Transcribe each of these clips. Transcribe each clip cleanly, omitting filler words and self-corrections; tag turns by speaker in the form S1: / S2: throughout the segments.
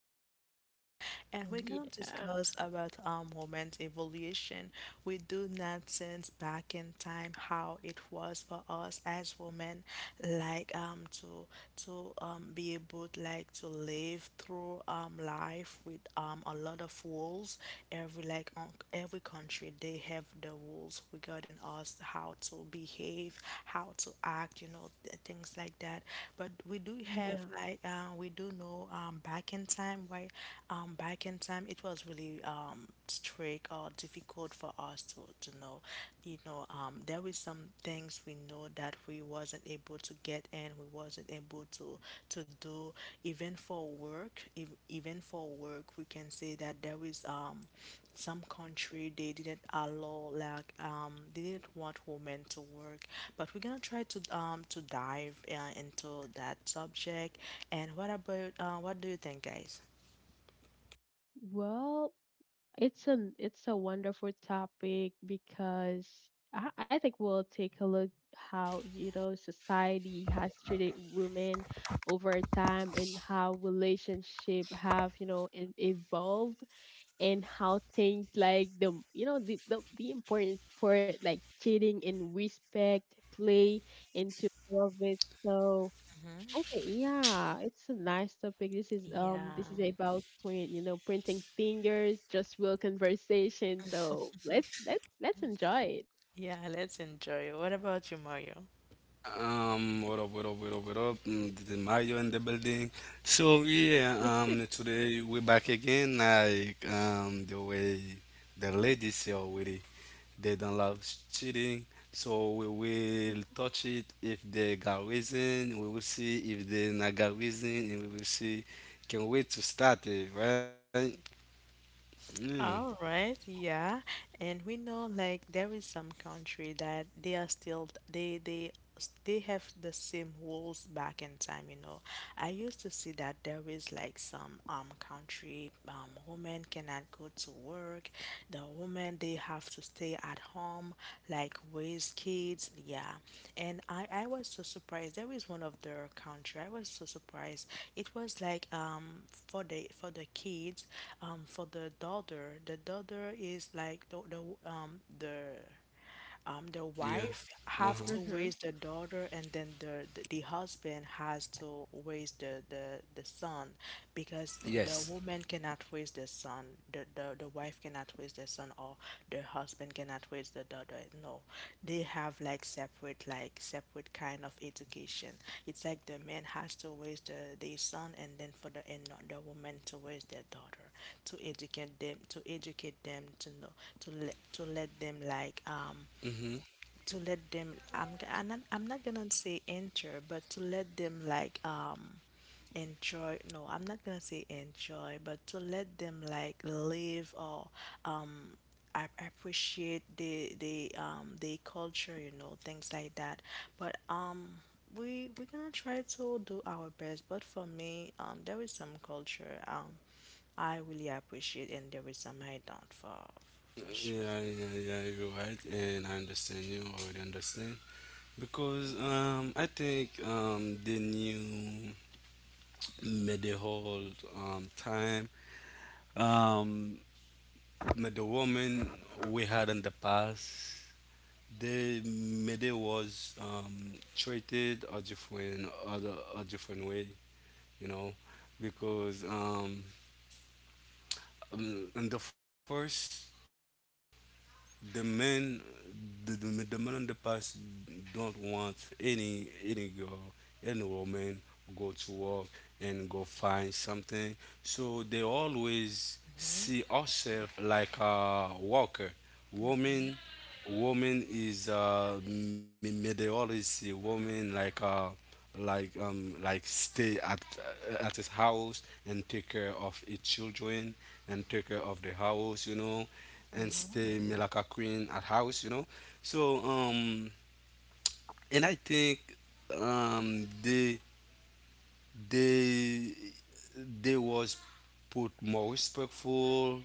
S1: podcast right now, and we're gonna
S2: Yeah,
S1: discuss about women's evolution. We do not sense back in time how it was for us as women, like to to be able like to live through cultural life with a lot of rules. Every like on every country, they have the rules regarding us, how to behave, how to act, you know, things like that. But we do
S2: yeah.
S1: have like we do know back in time, why back in time it was really strict or difficult for us to know, you know, there with some things we know that we wasn't able to get in, we wasn't able to do. Even for work, if, even for work, we can say that there is some country they didn't allow like they didn't want women to work. But we're gonna try to dive into that subject. And what about what do you think, guys?
S2: Well, it's a wonderful topic because I think we'll take a look how, you know, society has treated women over time and how relationship have, you know, evolved and how things like the, you know, the important part like cheating and respect play into all of it. So
S1: Hmm.
S2: I think yeah, it's a nice topic.
S1: Yeah,
S2: This is about print, printing fingers, just real conversation. So let's enjoy it.
S1: yeah. Let's enjoy. What about you, Mario?
S3: What up, what up, what up, what up? This is Mario in the building. So yeah, today we're back again. Like the way the ladies say already, they don't love cheating. So we will touch it if they got reason. We will see if they not got reason, and we will see. Can't wait to start it, right? Mm,
S1: All right, yeah. And we know like there is some country that they are still they they have the same rules back in time, you know. I used to see that there is like some country women cannot go to work. The women they have to stay at home, like raise kids, yeah. And I was so surprised. There was one of their country. I was so surprised. It was like for the kids, for the daughter. The daughter is like um the the
S3: yeah.
S1: wife
S3: Uh
S1: have
S3: huh.
S1: to
S2: Mm-hmm.
S1: raise the daughter, and then the husband has to raise the the son, because the
S3: Yes.
S1: woman cannot raise the son, the wife cannot raise the son, or the husband cannot raise the daughter. No, they have like separate kind of education. It's like the man has to raise the son, and then for the and not the woman to raise their daughter, to educate them, to know, to let them like
S3: Mm-hmm.
S1: to let them I'm not gonna say enter, but to let them like enjoy, no, I'm not gonna say enjoy, but to let them like live, or um I appreciate the culture, you know, things like that. But we're gonna try to do our best, but for me, there is some culture I really appreciate, and there is some I don't, for sure.
S3: Yeah, yeah, yeah, you're right, and I understand you. I already understand. Because I think the new medieval time, um, the woman we had in the past, the medieval was treated a different, other, a different way, you know, because in the first the men the men in the past don't want any girl any woman go to work and go find something, so they always see ourselves like a worker. Woman woman is me, me they always see woman like like stay at his house and take care of his children and take care of the house, you know, and stay Melaka Queen at house, you know. So and I think um they they they was put more respectful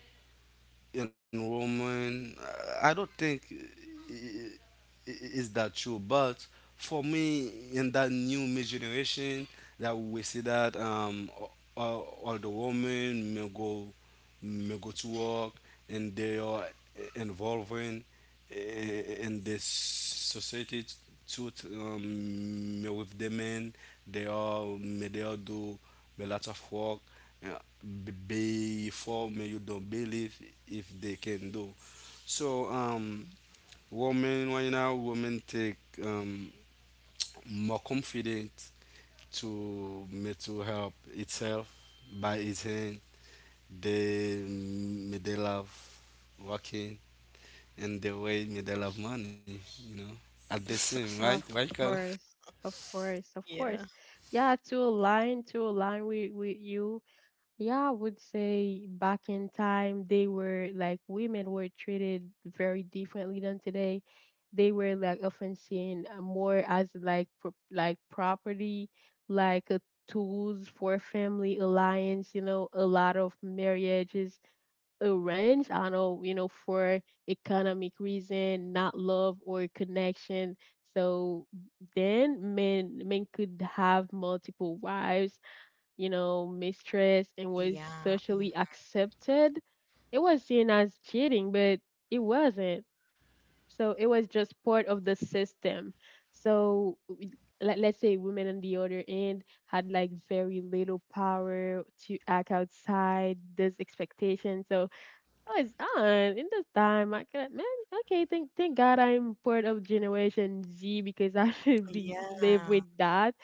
S3: enrollment. I don't think is that true, but for me, in that new mid generation, that we see that all the women may go to work, and they are involving i- in this society too may with the men. They all do a lot of work. Uh, be before me you don't believe if they can do. So women right now women take um more confidence to mental help itself by its hand. They me they love working, and the way me they love money, you know, at the same, right
S2: Of
S3: right Carla?
S2: course, of course, of
S1: Yeah.
S2: course. Yeah, to align with you. Yeah, I would say back in time, they were like women were treated very differently than today. They were like often seen more as like property, like a tools for family alliance. You know, a lot of marriages arranged. I know, you know, for economic reason, not love or connection. So then men could have multiple wives, you know, mistress and was
S1: Yeah,
S2: socially accepted. It was seen as cheating, but it wasn't. So it was just part of the system. So let's say women on the other end had like very little power to act outside this expectation. So no, it's not. In this time, I can man. Okay, thank God I'm part of Generation Z because I should be live
S1: yeah.
S2: with that.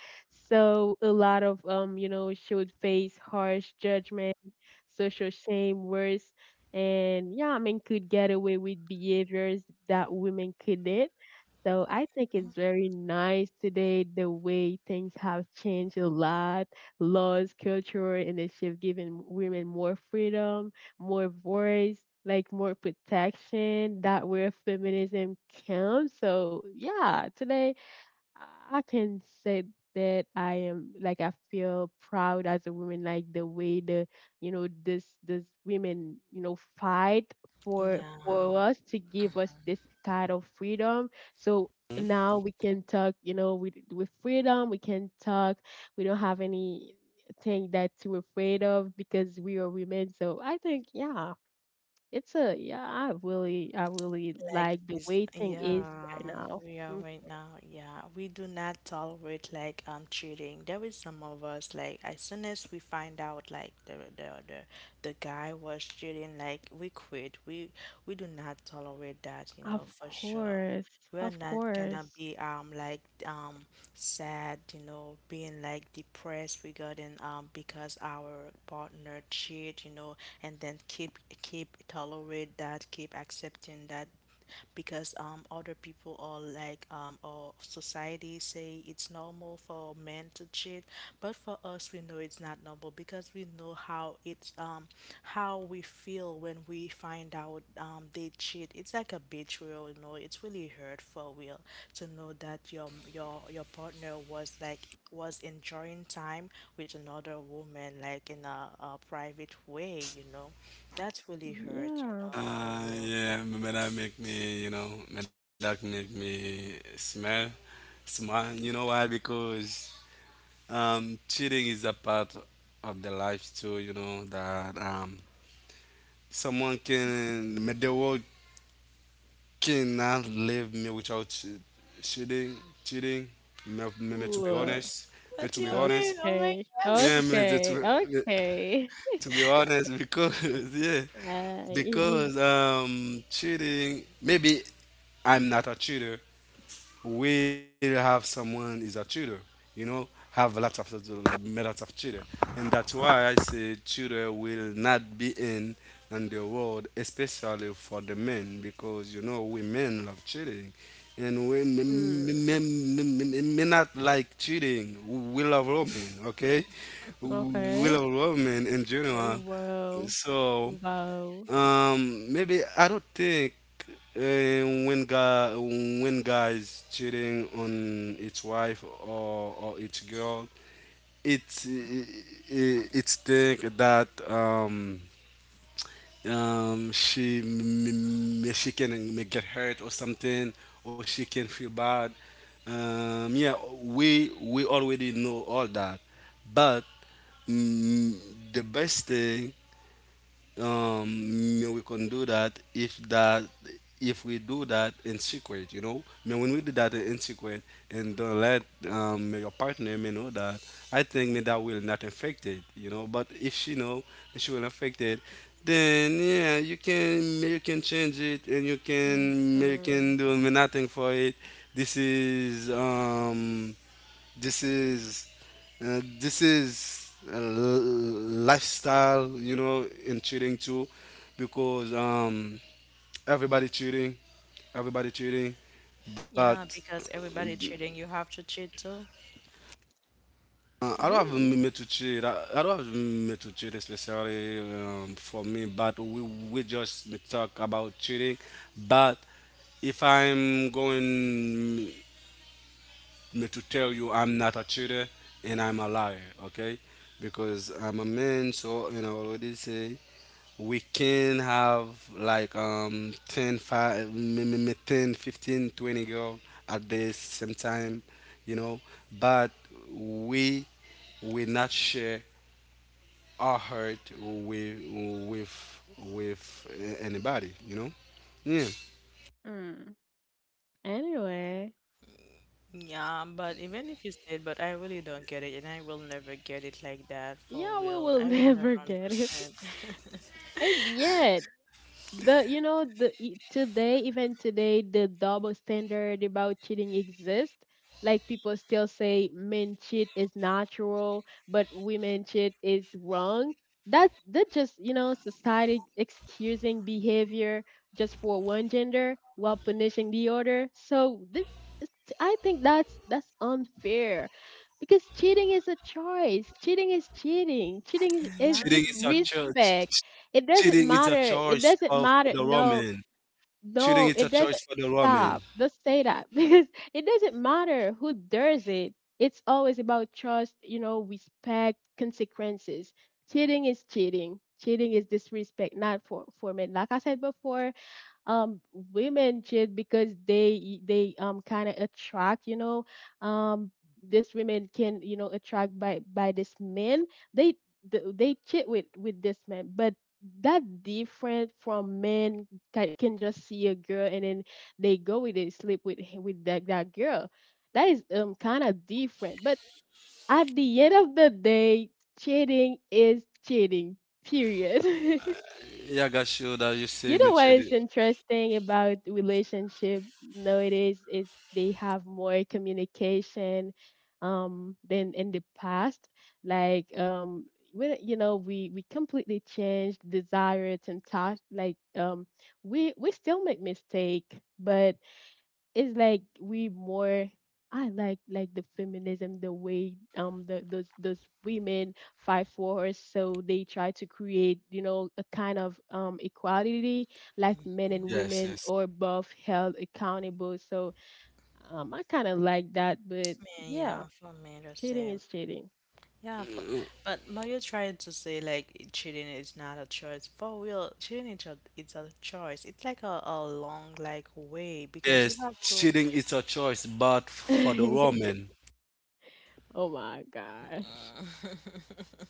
S2: So a lot of you know, should face harsh judgment, social shame, worse, and yeah, men could get away with behaviors that women couldn't. So I think it's very nice today the way things have changed a lot, laws, culture, and the shift giving women more freedom, more voice, like more protection. That where feminism counts. So yeah, today I can say that I am like I feel proud as a woman, like the way the you know this women you know fight for
S1: Yeah.
S2: us to give
S1: Mhm.
S2: us this kind of freedom. So
S3: Mhm.
S2: now we can talk, you know, with freedom, we can talk. We don't have any thing that we're afraid of because we are women. So I think yeah, it's a yeah. I really
S1: Like
S2: like the
S1: this,
S2: way thing is
S1: yeah.
S2: right now.
S1: We are right now, yeah, we do not tolerate like cheating. There is some of us, like as soon as we find out like the guy was cheating, like we quit. We do not tolerate that, you know,
S2: Of
S1: for sure.
S2: course,
S1: We're
S2: of
S1: not gonna
S2: course.
S1: be like sad, you know, being like depressed regarding because our partner cheat, you know, and then keep tolerate that, keep accepting that because other people or like or society say it's normal for men to cheat, but for us we know it's not normal because we know how it's how we feel when we find out they cheat. It's like a betrayal, you know. It's really hurt, for real, to know that your partner was like was enjoying time with another woman like in a private way, you know. That's really hurt, you
S2: Yeah.
S1: know, for real.
S3: Yeah, may that make me, you know, may that make me smell, smile. You know why? Because cheating is a part of the life too, you know, that the world cannot leave me without cheating, cheating, me, me, me to be
S2: Ooh,
S3: honest, me
S1: What
S3: to
S1: do
S3: be
S1: you mean?
S3: honest,
S1: Oh my
S2: okay,
S1: God.
S3: yeah, me,
S2: okay, okay.
S3: to be honest, because, yeah,
S2: Uh,
S3: because cheating, maybe I'm not a cheater, will have someone is a tutor, you know, have a lot of methods of tutor. And that's why I say tutor will not be in on the world, especially for the men, because you know women love cheating. And we
S2: mm,
S3: may not like cheating. We love women, okay? We
S2: okay.
S3: love women in general.
S2: Wow,
S3: So
S2: wow.
S3: maybe I don't think when guys cheating on its wife or its girl, it's it's think that she can get hurt or something, or she can feel bad. Yeah, we already know all that, but mm, the best thing we can do that, if we do that in secret, you know, I mean, when we do that in secret and don't let your partner may know that, I think me that will not affect it, you know, but if she know, she will affect it. Then yeah, you can change it, and you
S2: Mm-hmm.
S3: can do nothing for it. This is this is this is a lifestyle, you know, in cheating too, because everybody cheating, everybody cheating, but
S1: Yeah, because everybody cheating, you have to cheat too.
S3: I don't
S2: You.
S3: have a limit to cheat. I don't have a limit to cheat, especially for me. But we just talk about cheating, but if I'm going me to tell you I'm not a cheater, and I'm a liar, okay? Because I'm a man, so you know already say we can have like ten five 5, me- me- me 10, 15, 20 girl at the same time, you know, but we will not share our heart with anybody, you know. Yeah,
S2: Mm. Anyway,
S1: Yeah, but even if you said, but I really don't get it, and I will never get it like that, for
S2: yeah, we
S1: real.
S2: will
S1: I will never
S2: never get it.
S1: understand.
S2: And yet, the you know today even today the double standard about cheating exists, like people still say men cheat is natural but women cheat is wrong. That just, you know, society excusing behavior just for one gender while punishing the other. So I think that's unfair because cheating is a choice. Cheating is cheating. Cheating is
S1: Yeah,
S3: cheating is a
S2: disrespect.
S3: choice.
S2: It
S3: Cheating is a
S2: doesn't
S3: choice
S2: matter. It
S3: for,
S2: doesn't
S3: the
S2: matter.
S3: woman.
S2: No,
S3: Cheating is a
S2: no, it
S3: choice for
S2: doesn't
S3: the woman.
S2: stop. Don't say that, because it doesn't matter who does it. It's always about trust, you know, respect, consequences. Cheating is cheating. Cheating is disrespect, not for me. Like I said before, um, women should because they kind of attract, you know. Um, this women can, you know, attract by this men. They they cheat with this man, but that different from men, can just see a girl and then they go with it, sleep with that, that girl. That is kind of different, but at the end of the day, cheating is cheating, period.
S3: Yeah, I got you that you say
S2: You
S3: me
S2: know what is
S3: cheating.
S2: interesting about relationship nowadays is they have more communication than in the past. Like we you know we completely changed desires and thoughts. Like we still make mistake, but it's like we more, I like the feminism, the way the those women fight for us, so they try to create, you know, a kind of equality, like men and
S3: Yes,
S2: women
S3: yes.
S2: or both held accountable. So I kind of like that, but
S1: man, yeah,
S2: yeah,
S1: for me the
S2: cheating
S1: same.
S2: is cheating.
S1: Yeah, for, but Mario tried to say like cheating is not a choice. For real, cheating is it's a choice. It's like a long like way, because you
S3: Yes,
S1: have to.
S3: cheating is a choice, but for the
S2: Oh
S3: woman.
S2: my gosh!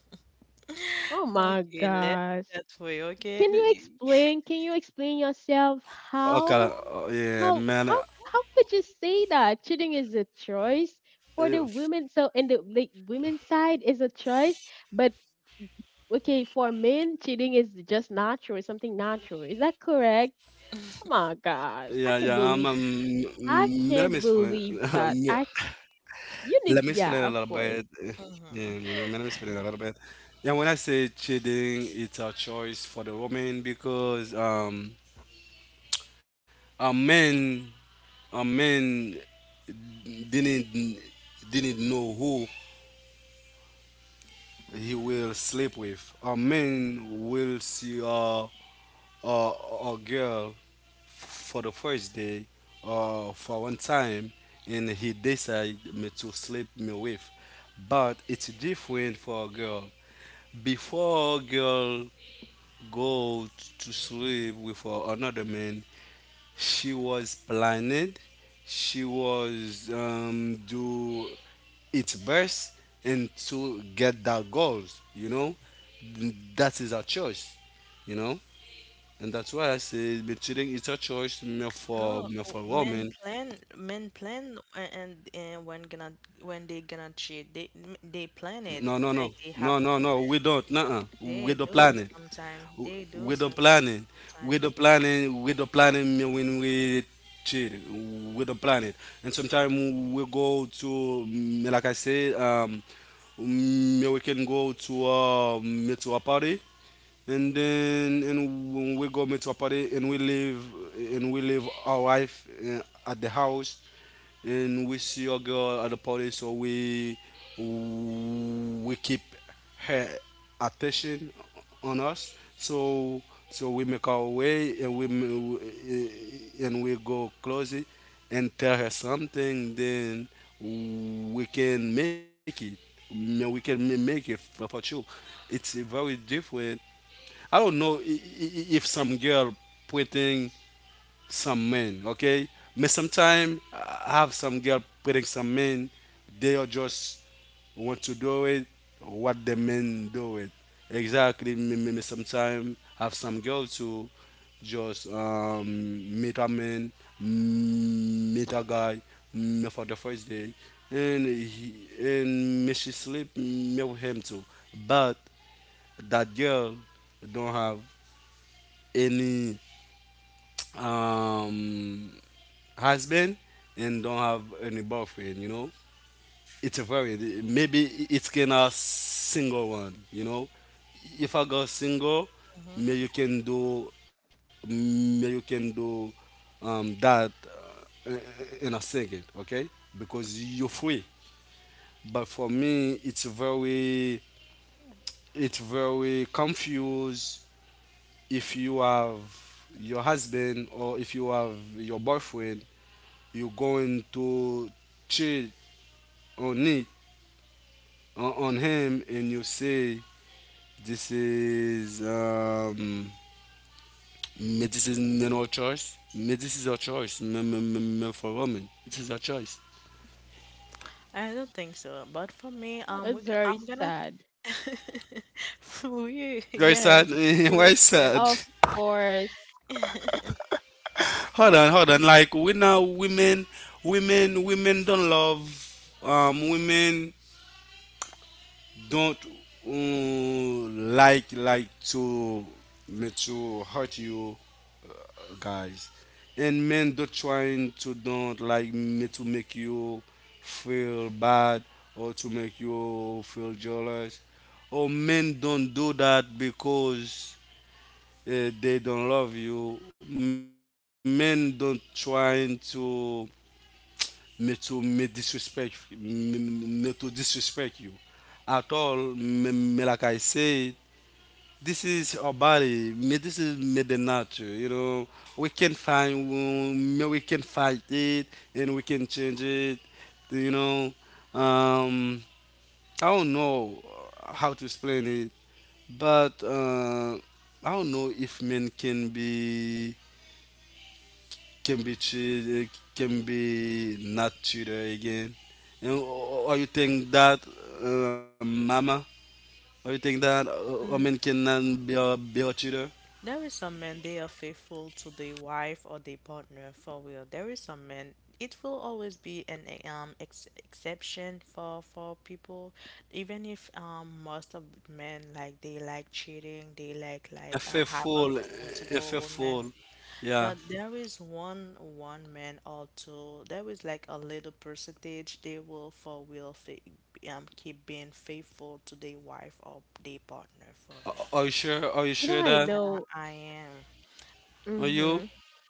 S2: Oh my
S1: Okay, let
S2: gosh!
S1: that way, okay?
S2: Can you explain? Can you explain yourself
S3: Okay,
S2: how?
S3: yeah,
S2: How
S3: man.
S2: how how could you say that? Cheating is a choice for the
S3: If-
S2: women. So in the like women's side is a choice, but okay, for men, cheating is just natural, something natural. Is that correct? Oh my
S3: Yeah, yeah,
S2: gosh. I can believe.
S3: let
S2: I
S3: me explain.
S2: can't believe that. I can't.
S3: Let me
S2: You need
S3: explain a little
S2: yeah, of
S3: bit.
S2: course.
S3: Yeah,
S1: Mm-hmm.
S3: you know, let me explain a little bit. Yeah, when I say cheating, it's a choice for the woman, because a man a man didn't didn't know who he will sleep with. A man will see a girl for the first day or for one time, and he decide me to sleep me with. But it's different for a girl. Before a girl go to sleep with another man, she was planning, she was do its best and to get that goals, you know? That is our choice, you know? And that's why I say but cheating is a choice me for
S1: No,
S3: me
S1: oh,
S3: for women.
S1: men plan, and when gonna when they gonna cheat, they plan
S3: No,
S1: it.
S3: no, no.
S1: It's like they
S3: No,
S1: have
S3: no,
S1: to
S3: no. We
S1: set.
S3: don't. Nuh-uh. We
S1: They
S3: don't plan
S1: do
S3: it.
S1: sometimes. They do
S3: We don't
S1: some,
S3: plan it. We
S1: sometimes.
S3: don't plan it. We don't plan it me when we cheat. We don't plan it. And sometimes we go to, me like I said, me we can go to me to a party, and when we go meet to a party, and we leave our wife at the house, and we see a girl at the party, so we keep her attention on us, so we make our way, and and we go close it and tell her something, then we can make it. We can make it for, you. It's very different. I don't know if some girl putting some men, okay? But sometimes I have some girl putting some men, they are just want to do it, what the men do it. Exactly, maybe sometimes have some girl to just meet a guy for the first day, and me she sleep me with him too. But that girl don't have any um, husband, and don't have any boyfriend, you know. It's a very Maybe it's gonna single one, you know. If I go single,
S1: Hmm.
S3: maybe you can do maybe you can do that uh, in a second, okay? Because you're free. But for me, it's very confused. If you have your husband or if you have your boyfriend, you're going to cheat on it on him, and you say this is this is no choice me, this is a choice me, me for women, this is a choice.
S1: I don't think so, but for me,
S2: It's very
S1: I'm gonna.
S2: sad.
S3: Very
S1: We,
S3: sad.
S1: yes, it's
S3: Why
S1: really
S3: sad?
S1: sad.
S2: Of course.
S3: Hold on, like we now women don't love women don't uh, like to me to hurt you guys. And men don't trying to don't like me to make you feel bad or to make you feel jealous. Or men don't do that because they don't love you. Men don't trying to me disrespect me, me to disrespect you at all. Me, me like I said, this is our body. This is made in nature. You know, we can find, wound, we can fight it, and we can change it. You know, um, I don't know how to explain it, but I don't know if men can be treated, can be not treated again. You know, or you think that, Mama, or you think that a man cannot be a cheater?
S1: There is some men, they are faithful to their wife or their partner, for real. There is some men, it will always be an ex exception for people, even if most of men like they like cheating, they like
S3: A
S1: have
S3: faithful, a
S1: multiple women.
S3: faithful. Yeah.
S1: But there is one one man or two. There is like a little percentage they will for real fa keep being faithful to their wife or their partner, for real.
S3: Are you sure? Are you
S2: You know
S3: sure
S2: I
S3: that?
S1: Yeah,
S2: know.
S1: I am.
S3: Are you?
S2: Mm-hmm.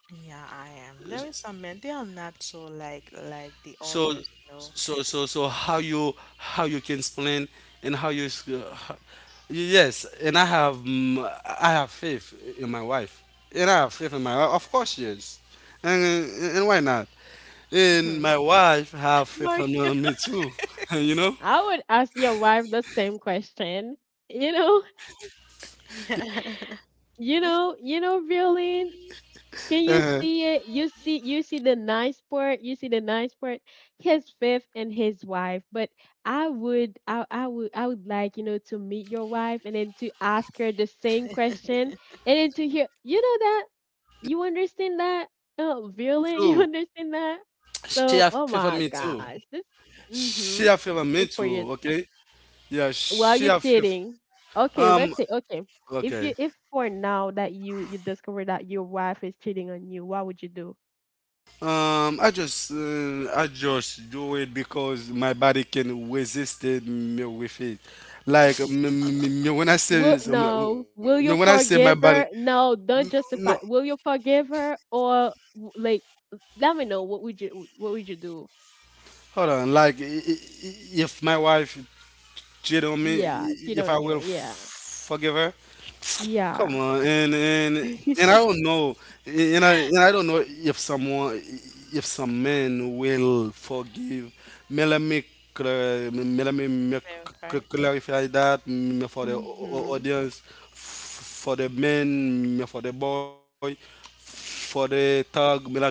S1: Yeah, I am. There is some men, they are not so like the
S3: So,
S1: others, you know.
S3: how you, can explain, and how you, s- ho- yes. And I have, I have faith in my wife. And I have faith in my wife. Of course, yes. And and why not? And my wife have
S1: No,
S3: faith in me too. You know,
S2: I would ask your wife the same question. You know?
S1: yeah.
S2: You know, you know, Violin, can you
S3: uh,
S2: see it? You see the nice part. You see the nice part. His fifth and his wife. But I would, I would, I would like, you know, to meet your wife and then to ask her the same question and then to hear. You know that you understand that, oh, Violin, you
S3: too.
S2: understand that.
S3: She
S2: So,
S3: have faith
S2: oh
S3: in me
S2: my
S3: too.
S2: gosh, this.
S3: She have
S2: Mm-hmm.
S3: faith in me too.
S2: For you.
S3: Okay. Yeah, she
S2: While you're
S3: have fifth.
S2: cheating. Okay,
S3: Um,
S2: let's say okay. If
S3: okay.
S2: you if for now that you discover that your wife is cheating on you, what would you do?
S3: I just do it, because my body can resist it me with it. Like
S2: Y-
S3: me, when I say
S2: Will no,
S3: me,
S2: will
S3: when I
S2: you
S3: say my body,
S2: forgive her? No, don't
S3: no,
S2: justify. Will you forgive her or like let me know what would you, what would you do?
S3: hold on. Like if my wife cheated on me,
S2: Yeah, cheat
S3: if I
S2: on you.
S3: will
S2: Yeah.
S3: forgive her. Come
S2: Yeah.
S3: on, and I don't know, and I don't know if someone, if some men will forgive. Me let me, cla- me let me make c-
S1: Clarify.
S3: clarify that me for the
S2: Mhm.
S3: audience, for the men, me for the boy, for the thug, me like me.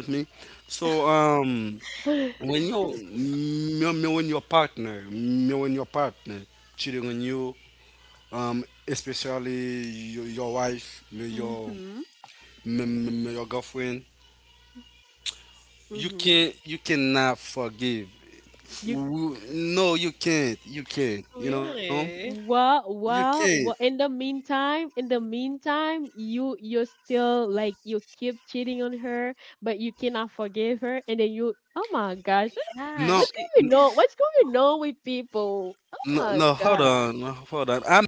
S3: So, when
S1: Hmm?
S3: your me, me when your partner me when your partner cheating on you, especially your wife, me your
S2: Mhm.
S3: me your girlfriend, you
S2: Mhm.
S3: can't, you cannot forgive.
S2: You.
S3: No, you can't, you know,
S1: Really?
S2: Well,
S3: you can't.
S2: well, well, in the meantime, you you're still like you keep cheating on her, but you cannot forgive her, and then you, oh my gosh,
S1: Yeah,
S3: No,
S2: what's
S1: she,
S2: going on? What's going on with people? Oh
S3: no,
S2: my
S3: hold
S2: god.
S3: on. No, hold on, I'm—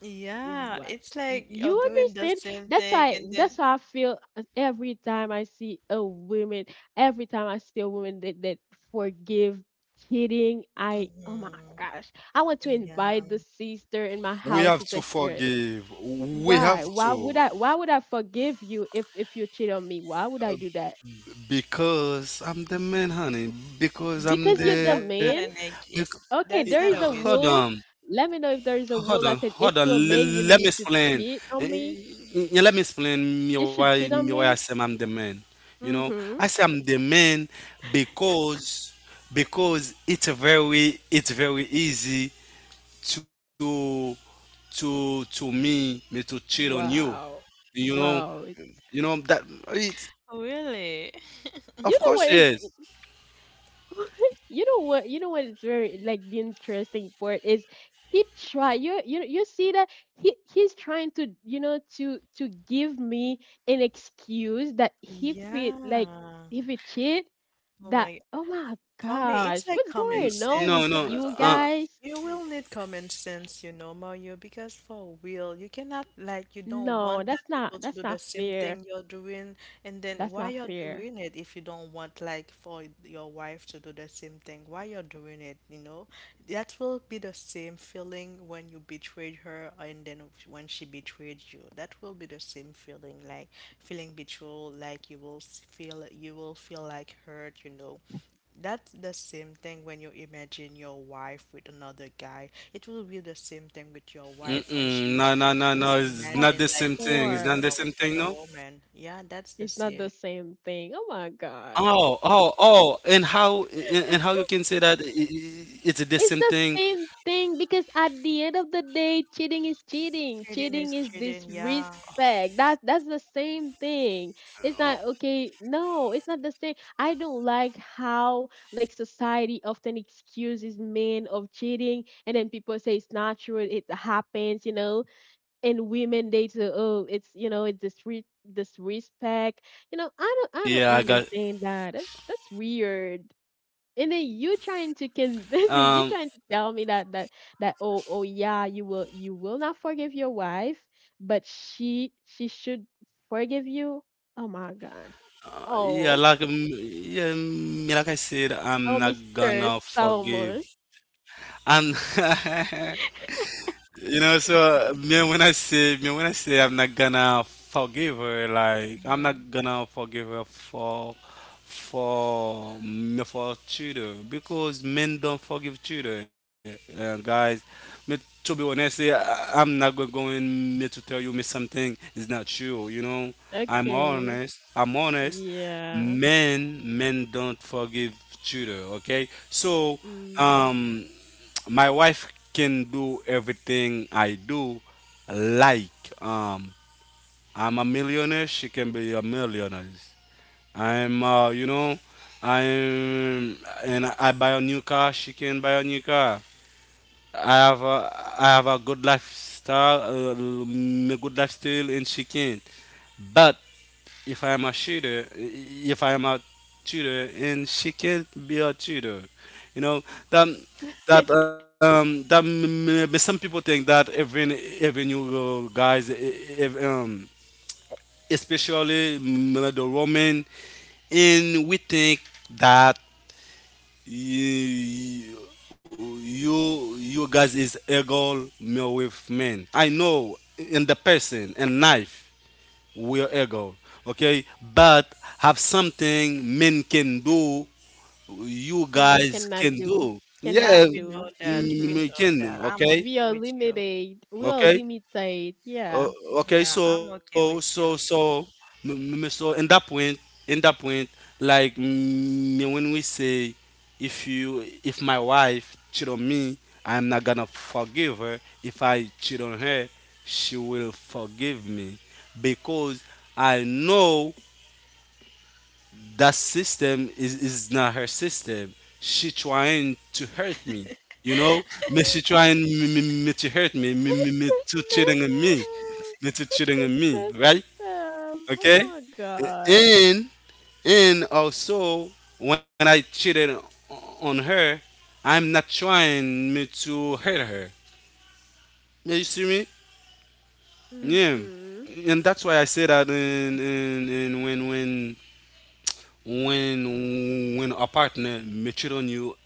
S1: yeah,
S2: What?
S1: it's like you're
S2: You
S1: doing the
S2: understand?
S1: same
S2: That's
S1: thing,
S2: why.
S1: and
S2: That's
S1: then,
S2: why I feel every time I see a woman. Every time I see a woman that forgive cheating, I oh my
S1: hmm,
S2: gosh, I want to
S1: yeah.
S2: invite the sister in my
S3: we
S2: house
S3: have
S2: to
S3: to
S2: take care of it.
S3: forgive, we have
S2: Why? Why would
S3: to
S2: I? Why would I forgive you if you cheat on me? Why would I do that?
S3: because I'm the man, honey. Because I'm
S2: Because you're
S1: Nah,
S2: the
S3: the—
S1: that's not
S2: man.
S1: an
S3: because,
S1: excuse.
S2: Okay,
S1: That's
S2: there
S1: not
S2: is
S1: a
S2: a
S3: hold on.
S1: reason.
S2: rule. Let me know if there is a
S3: Hold on,
S2: rule that said if you're a man, you
S3: Let me
S2: need to
S3: explain.
S2: cheat
S3: Eh,
S2: on me.
S3: Let me explain me
S2: You
S3: why
S2: should cheat on
S3: I
S2: me.
S3: say I'm the man. You know, I
S2: Mm-hmm.
S3: say I'm the man because, it's a very— it's very easy to— me me to cheat on you.
S2: Wow.
S3: You know,
S2: Wow. It's
S3: you know that it's
S1: Really?
S2: you
S3: of
S2: know
S3: course
S2: what is
S3: yes.
S2: you know what, you know what is very like the interesting part is, he try you you you see that he he's trying to, you know, to give me an excuse that if it like
S1: Yeah.
S2: if it cheat
S1: Oh
S2: that
S1: my.
S2: oh my
S1: For me,
S2: gosh
S1: it's
S2: what's
S1: like common
S2: going on with
S1: sense.
S3: No, no.
S2: you
S3: Uh,
S2: guys.
S1: You will need common sense, you know, Mario, because for real, you cannot, like, you don't
S2: No,
S1: want that
S2: that's
S1: people
S2: not,
S1: to
S2: that's
S1: do the
S2: not
S1: same
S2: fair.
S1: thing you're doing, and then
S2: That's
S1: why
S2: not
S1: you're
S2: fair.
S1: doing it if you don't want, like, for your wife to do the same thing? Why you're doing it, you know? That will be the same feeling when you betrayed her, and then when she betrayed you. That will be the same feeling, like feeling betrayal, like feel, you will feel like hurt, you know. That's the same thing when you imagine your wife with another guy. It will be the same thing with your wife when
S3: mm-mm, no,
S1: she's
S3: no, it's not
S2: Of
S1: imagined
S3: the
S1: like
S3: same
S1: you
S3: thing. It's
S1: with
S3: not the
S1: no
S2: course.
S3: same thing.
S1: another
S3: No.
S1: woman. Yeah, that's the
S2: It's not the
S1: same.
S2: same thing. Oh my gosh.
S3: Oh, and how— and how you can say that it's the
S2: It's the
S3: same thing?
S2: same thing because at the end of the day, cheating is cheating.
S1: Cheating
S2: Cheating
S1: is
S2: is
S1: cheating, yeah.
S2: disrespect. That that's the same thing. It's not okay. No, it's not the same. I don't like how like society often excuses men of cheating, and then people say it's natural. It happens. You know, and women they too, oh it's, you know, it's this respect. You know, I
S3: Yeah, I
S2: don't, I
S3: got
S2: don't understand that. That's weird. And then you trying to can, this
S3: um
S2: is you trying to tell me that that oh oh yeah you will, you will not forgive your wife but she should forgive you. Oh my gosh.
S3: yeah,
S2: Oh.
S3: like, yeah, like I said, I'm
S2: Oh
S3: not
S2: Mr.
S3: gonna
S2: Solomon.
S3: forgive. I'm you know. So, man, when I say man, when I say I'm not gonna forgive her, like I'm
S1: Hmm.
S3: not gonna forgive her for— for cheater, because men don't forgive cheater, guys. Me, to be honest, I'm not go- going me to tell you me something is not true. You know, I'm
S2: Okay,
S3: honest. I'm honest.
S2: yeah,
S3: Men don't forgive cheater. Okay, so
S2: mm.
S3: um my wife can do everything I do. Like, um, I'm a millionaire, she can be a millionaire. I'm, you know, I'm— and I buy a new car, she can buy a new car. I have a— I have a good lifestyle, good lifestyle, and she can't. But if I'm a shooter, if I'm a tutor, and she can be a tutor. You know that— that that some people think that even, even you, guys, if, especially the women, and we think that you— you guys is equal male with men. I know in the person and knife. We are ego. Okay, but have something men can do, you
S2: Women
S3: guys
S2: cannot
S3: can
S2: do,
S3: do.
S1: Yeah,
S3: Yeah,
S2: cannot
S1: we
S2: do.
S1: know that. We
S2: Mm-hmm.
S3: we
S1: know
S3: can
S1: that.
S3: do.
S1: I'm
S3: Okay,
S2: We
S1: okay
S2: are
S1: with you.
S2: limited. We are
S3: okay,
S2: limited.
S3: uh,
S2: Yeah.
S3: okay.
S1: Yeah, I'm
S3: So,
S1: okay with you.
S3: so, in that point, in that point, like, when we say, if you— if my wife cheat on me, I'm not gonna forgive her. If I cheat on her, she will forgive me because I know that system is— is not her system. She trying to hurt me, you know. Me she trying me to hurt me,
S2: What's
S3: me
S2: the
S3: to cheating on me,
S2: system? What's the
S3: right?
S2: system? Oh
S3: Okay.
S2: my gosh.
S3: And and also when I cheated on her, I'm not trying me to hurt her. Yeah, you see me? Yeah.
S2: Mm-hmm.
S3: And that's why I say that in, when a partner may cheat on you,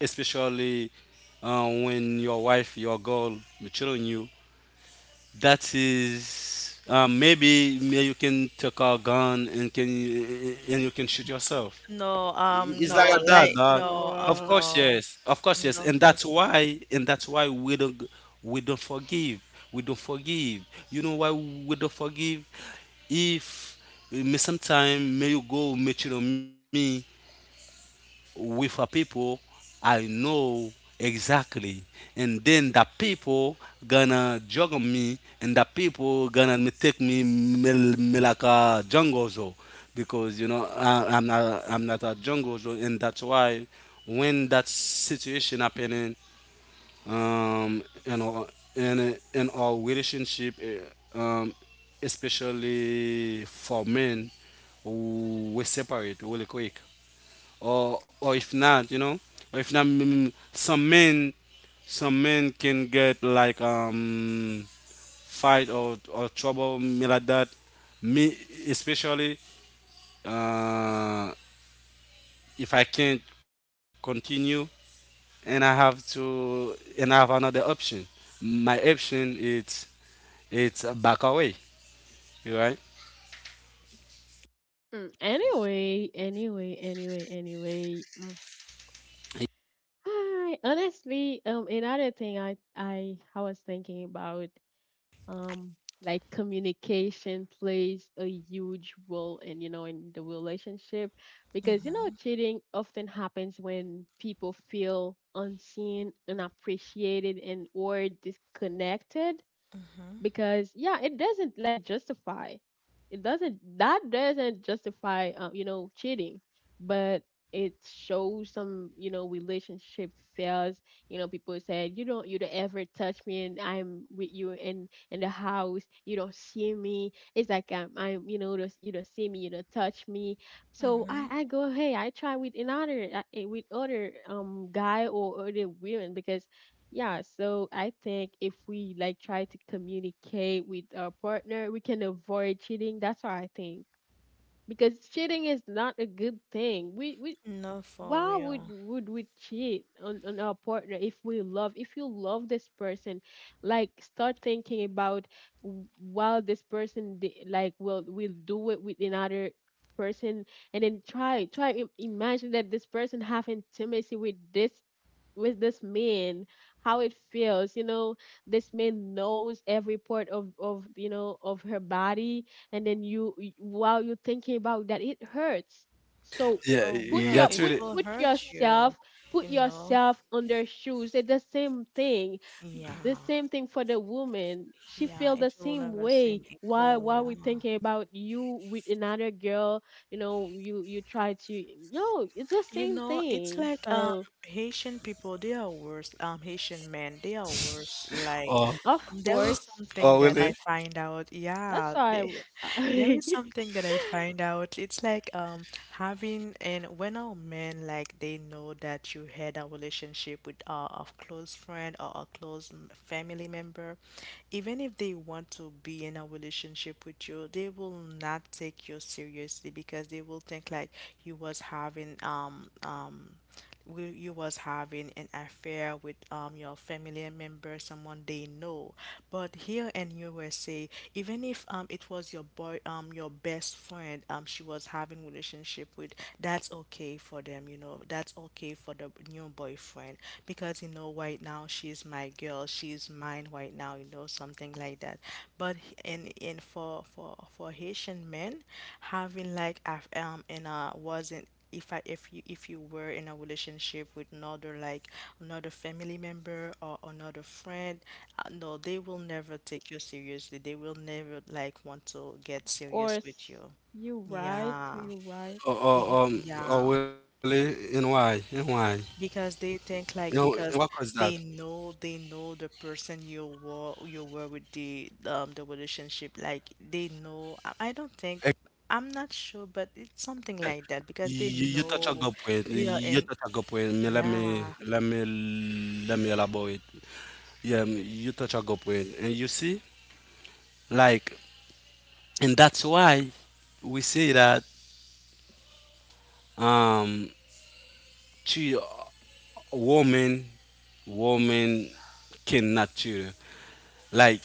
S3: especially, when your wife, your girl, maturing you. That is, maybe may you can take a gun and can— and you can shoot yourself.
S1: No,
S3: It's like
S1: no,
S3: that,
S1: like
S3: dog.
S1: no,
S3: Of
S2: Wow.
S3: course,
S1: no,
S3: yes. Of course, yes.
S1: no,
S3: And
S1: for
S3: that's
S1: sure.
S3: why— we don't— we don't forgive. We don't forgive. You know why we don't forgive? If me sometime may you go mature on me with a people I know exactly, and then the people gonna juggle me, and the people gonna me take me, like a jungle zoo, because you know I— I'm not a jungle zoo, and that's why when that situation happening, you know, in our relationship, um, especially for men, we separate really quick, or— if not, you know, or if not, some men, can get like fight or— trouble me like that. Me especially, uh, if I can't continue, and I have to— and I have another option. My option is— it's back away, you right?
S2: Mm. Anyway, anyway, anyway, anyway. Mm. Hi. Honestly, another thing I was thinking about um like communication plays a huge role in, you know, in the relationship because, you know,
S1: Mm-hmm,
S2: cheating often happens when people feel unseen, unappreciated, and or disconnected
S1: mm-hmm,
S2: because yeah it doesn't like justify, it doesn't, that doesn't justify you know, cheating, but it shows some, you know, relationship fails. You know, people said you don't, you don't ever touch me and I'm with you in the house. You don't see me. It's like I'm, you know, you don't see me, you don't touch me. So
S1: mm-hmm.
S2: I go hey I try with another with other guy or other women because yeah, so I think if we like try to communicate with our partner, we can avoid cheating. That's what I think. Because cheating is not a good thing. We
S1: No, for
S2: why would
S1: real.
S2: would we cheat on our partner if we love if you love this person like start thinking about while this person will do it with another person. And then imagine that this person have intimacy with this man, how it feels, you know? This man knows every part of you know of her body, and then while you're thinking about that, it hurts. So
S1: Oh,
S2: put
S3: Yeah,
S1: yeah,
S2: your
S3: that's
S1: it
S2: put
S3: really.
S1: will
S2: put
S1: hurt you,
S2: yourself, put
S1: you know?
S2: yourself on their shoes. It's the same thing,
S1: Yeah,
S2: the same thing. For the woman, she
S1: yeah,
S2: feel the
S1: it will
S2: same
S1: never
S2: way
S1: seem
S2: while
S1: equal, yeah.
S2: we thinking about you with another girl. You know, you try to no, it's the
S1: You
S2: same
S1: know, it's
S2: thing.
S1: like
S2: So
S1: Haitian people, they are worse. Haitian men, they are worse. Like
S3: Or—
S2: of
S1: there is
S2: course.
S1: something that
S3: really.
S1: I find out.
S2: That's
S1: Yeah,
S2: why
S1: they There is something that I find out. It's like having, and when our men like they know that you had a relationship with a close friend or a close family member, even if they want to be in a relationship with you, they will not take you seriously, because they will think like you was having you was having an affair with your family member, someone they know. But here in USA, even if it was your boy your best friend she was having relationship with, that's okay for them, you know. That's okay for the new boyfriend, because you know right now she's my girl, she's mine right now, you know, something like that. But in for Haitian men, having like and wasn't if you were in a relationship with another like another family member or another friend, no, they will never take you seriously. They will never like want to get
S2: Of
S1: serious
S2: course.
S1: with you.
S2: you right
S1: Yeah.
S2: you right
S3: Or,
S1: Be, yeah.
S3: or really. And why,
S1: Because they
S3: You
S1: think
S3: know,
S1: like
S3: and what
S1: because
S3: was that?
S1: they know the person you were with the relationship, like they know. I don't think I'm not sure, but it's something like that because they
S3: You— touch a
S1: know
S3: good point.
S1: they are
S3: You
S1: in.
S3: touch a good point. Me— let me—
S1: Yeah.
S3: let me elaborate. Yeah, me— you touch a good point, and you see, like, and that's why we say that, um, to woman, woman cannot cheat. Like,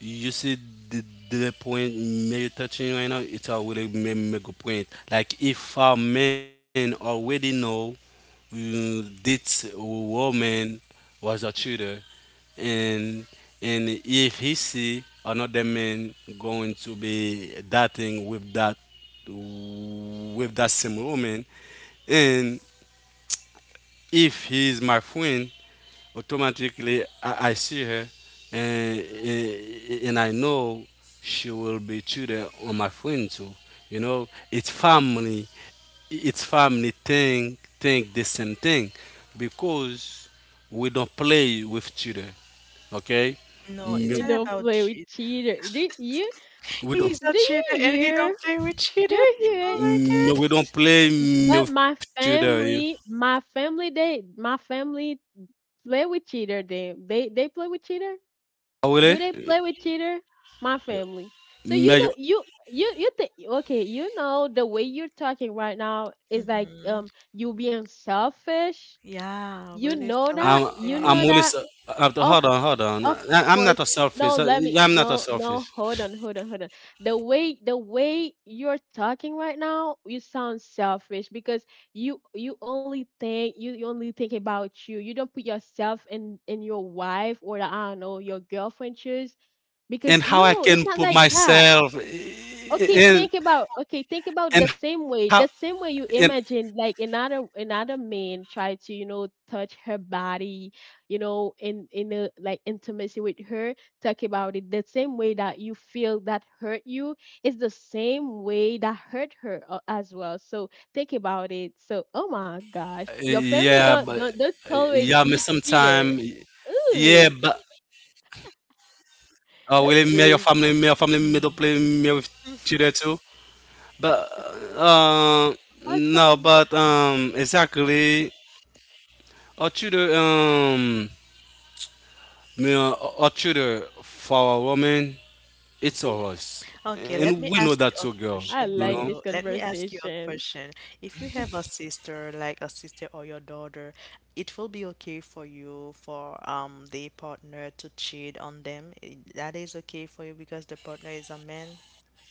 S3: you see the— the point you're touching right now, it's a really make a point. Like if a man already know, this woman was a cheater, and— and if he see another man going to be dating with that— with that same woman— and if he is my friend, automatically I— I see her, and, and I know she will be tutor on my friend too. You know, it's family. It's family thing. Think the same thing, because we don't play with children. Okay,
S1: No, it's
S2: You
S3: Mm,
S1: not
S2: don't
S1: about
S2: play with
S1: cheat.
S2: cheater, do you?
S3: we
S2: Do
S3: don't.
S1: He's a
S2: you
S1: cheater, and he
S2: hear?
S1: don't play with cheater.
S2: You're
S1: Oh
S2: good.
S1: my God.
S3: We don't play,
S2: But
S3: with tutor. You—
S2: my family, they, my family play with cheater. They play with cheater.
S3: oh,
S2: Do
S3: really?
S2: they play with cheater? My family. So you
S3: Major,
S2: don't, you think, okay, you know, the way you're talking right now is like,
S1: Hmm.
S2: you being selfish.
S1: Yeah,
S2: You
S1: really
S2: know that.
S3: I'm
S2: You
S3: I'm
S2: know
S1: selfish.
S3: really.
S2: that. Of
S3: Hold on, hold on.
S2: of
S3: I— I'm not a
S2: course. No,
S3: selfish.
S2: let me
S3: Yeah, I'm not a
S2: no no
S3: selfish.
S2: hold on, hold on. The way you're talking right now, you sound selfish because you, you only think about you. You don't put yourself in your wife, or I don't know, your girlfriend shoes, because
S3: And how I
S2: no, it's
S3: can
S2: not
S3: put
S2: like that.
S3: myself
S2: Okay, think
S3: in—
S2: about,
S3: and how
S2: the same way
S3: in—
S2: you imagine like another man try to, you know, touch her body, you know, in a like intimacy with her. Talk about it the same way that you feel that hurt you is the same way that hurt her, as well. So think about it. So oh my gosh, your family
S3: yeah,
S2: don't
S3: but—
S2: don't don't tolerate
S3: yeah, me
S2: cheater.
S3: sometime— yeah,
S2: Ooh,
S3: but— oh,
S2: that's
S3: will it, me
S2: great.
S3: your family, me don't play me
S1: Hmm.
S3: with children too. But, uh no,
S2: Awesome.
S3: but, exactly. Or children, me, or children for a woman, it's a—
S1: Okay, let me
S3: and we
S1: ask
S3: know
S1: you a
S3: that too, girl.
S2: I
S1: question,
S3: You
S2: like
S1: Mario.
S2: this
S3: know,
S1: Let me ask you a
S2: conversation.
S1: question. If you have a sister, like a sister or your daughter, it will be okay for you for the partner to cheat on them. That is okay for you because the partner is a man.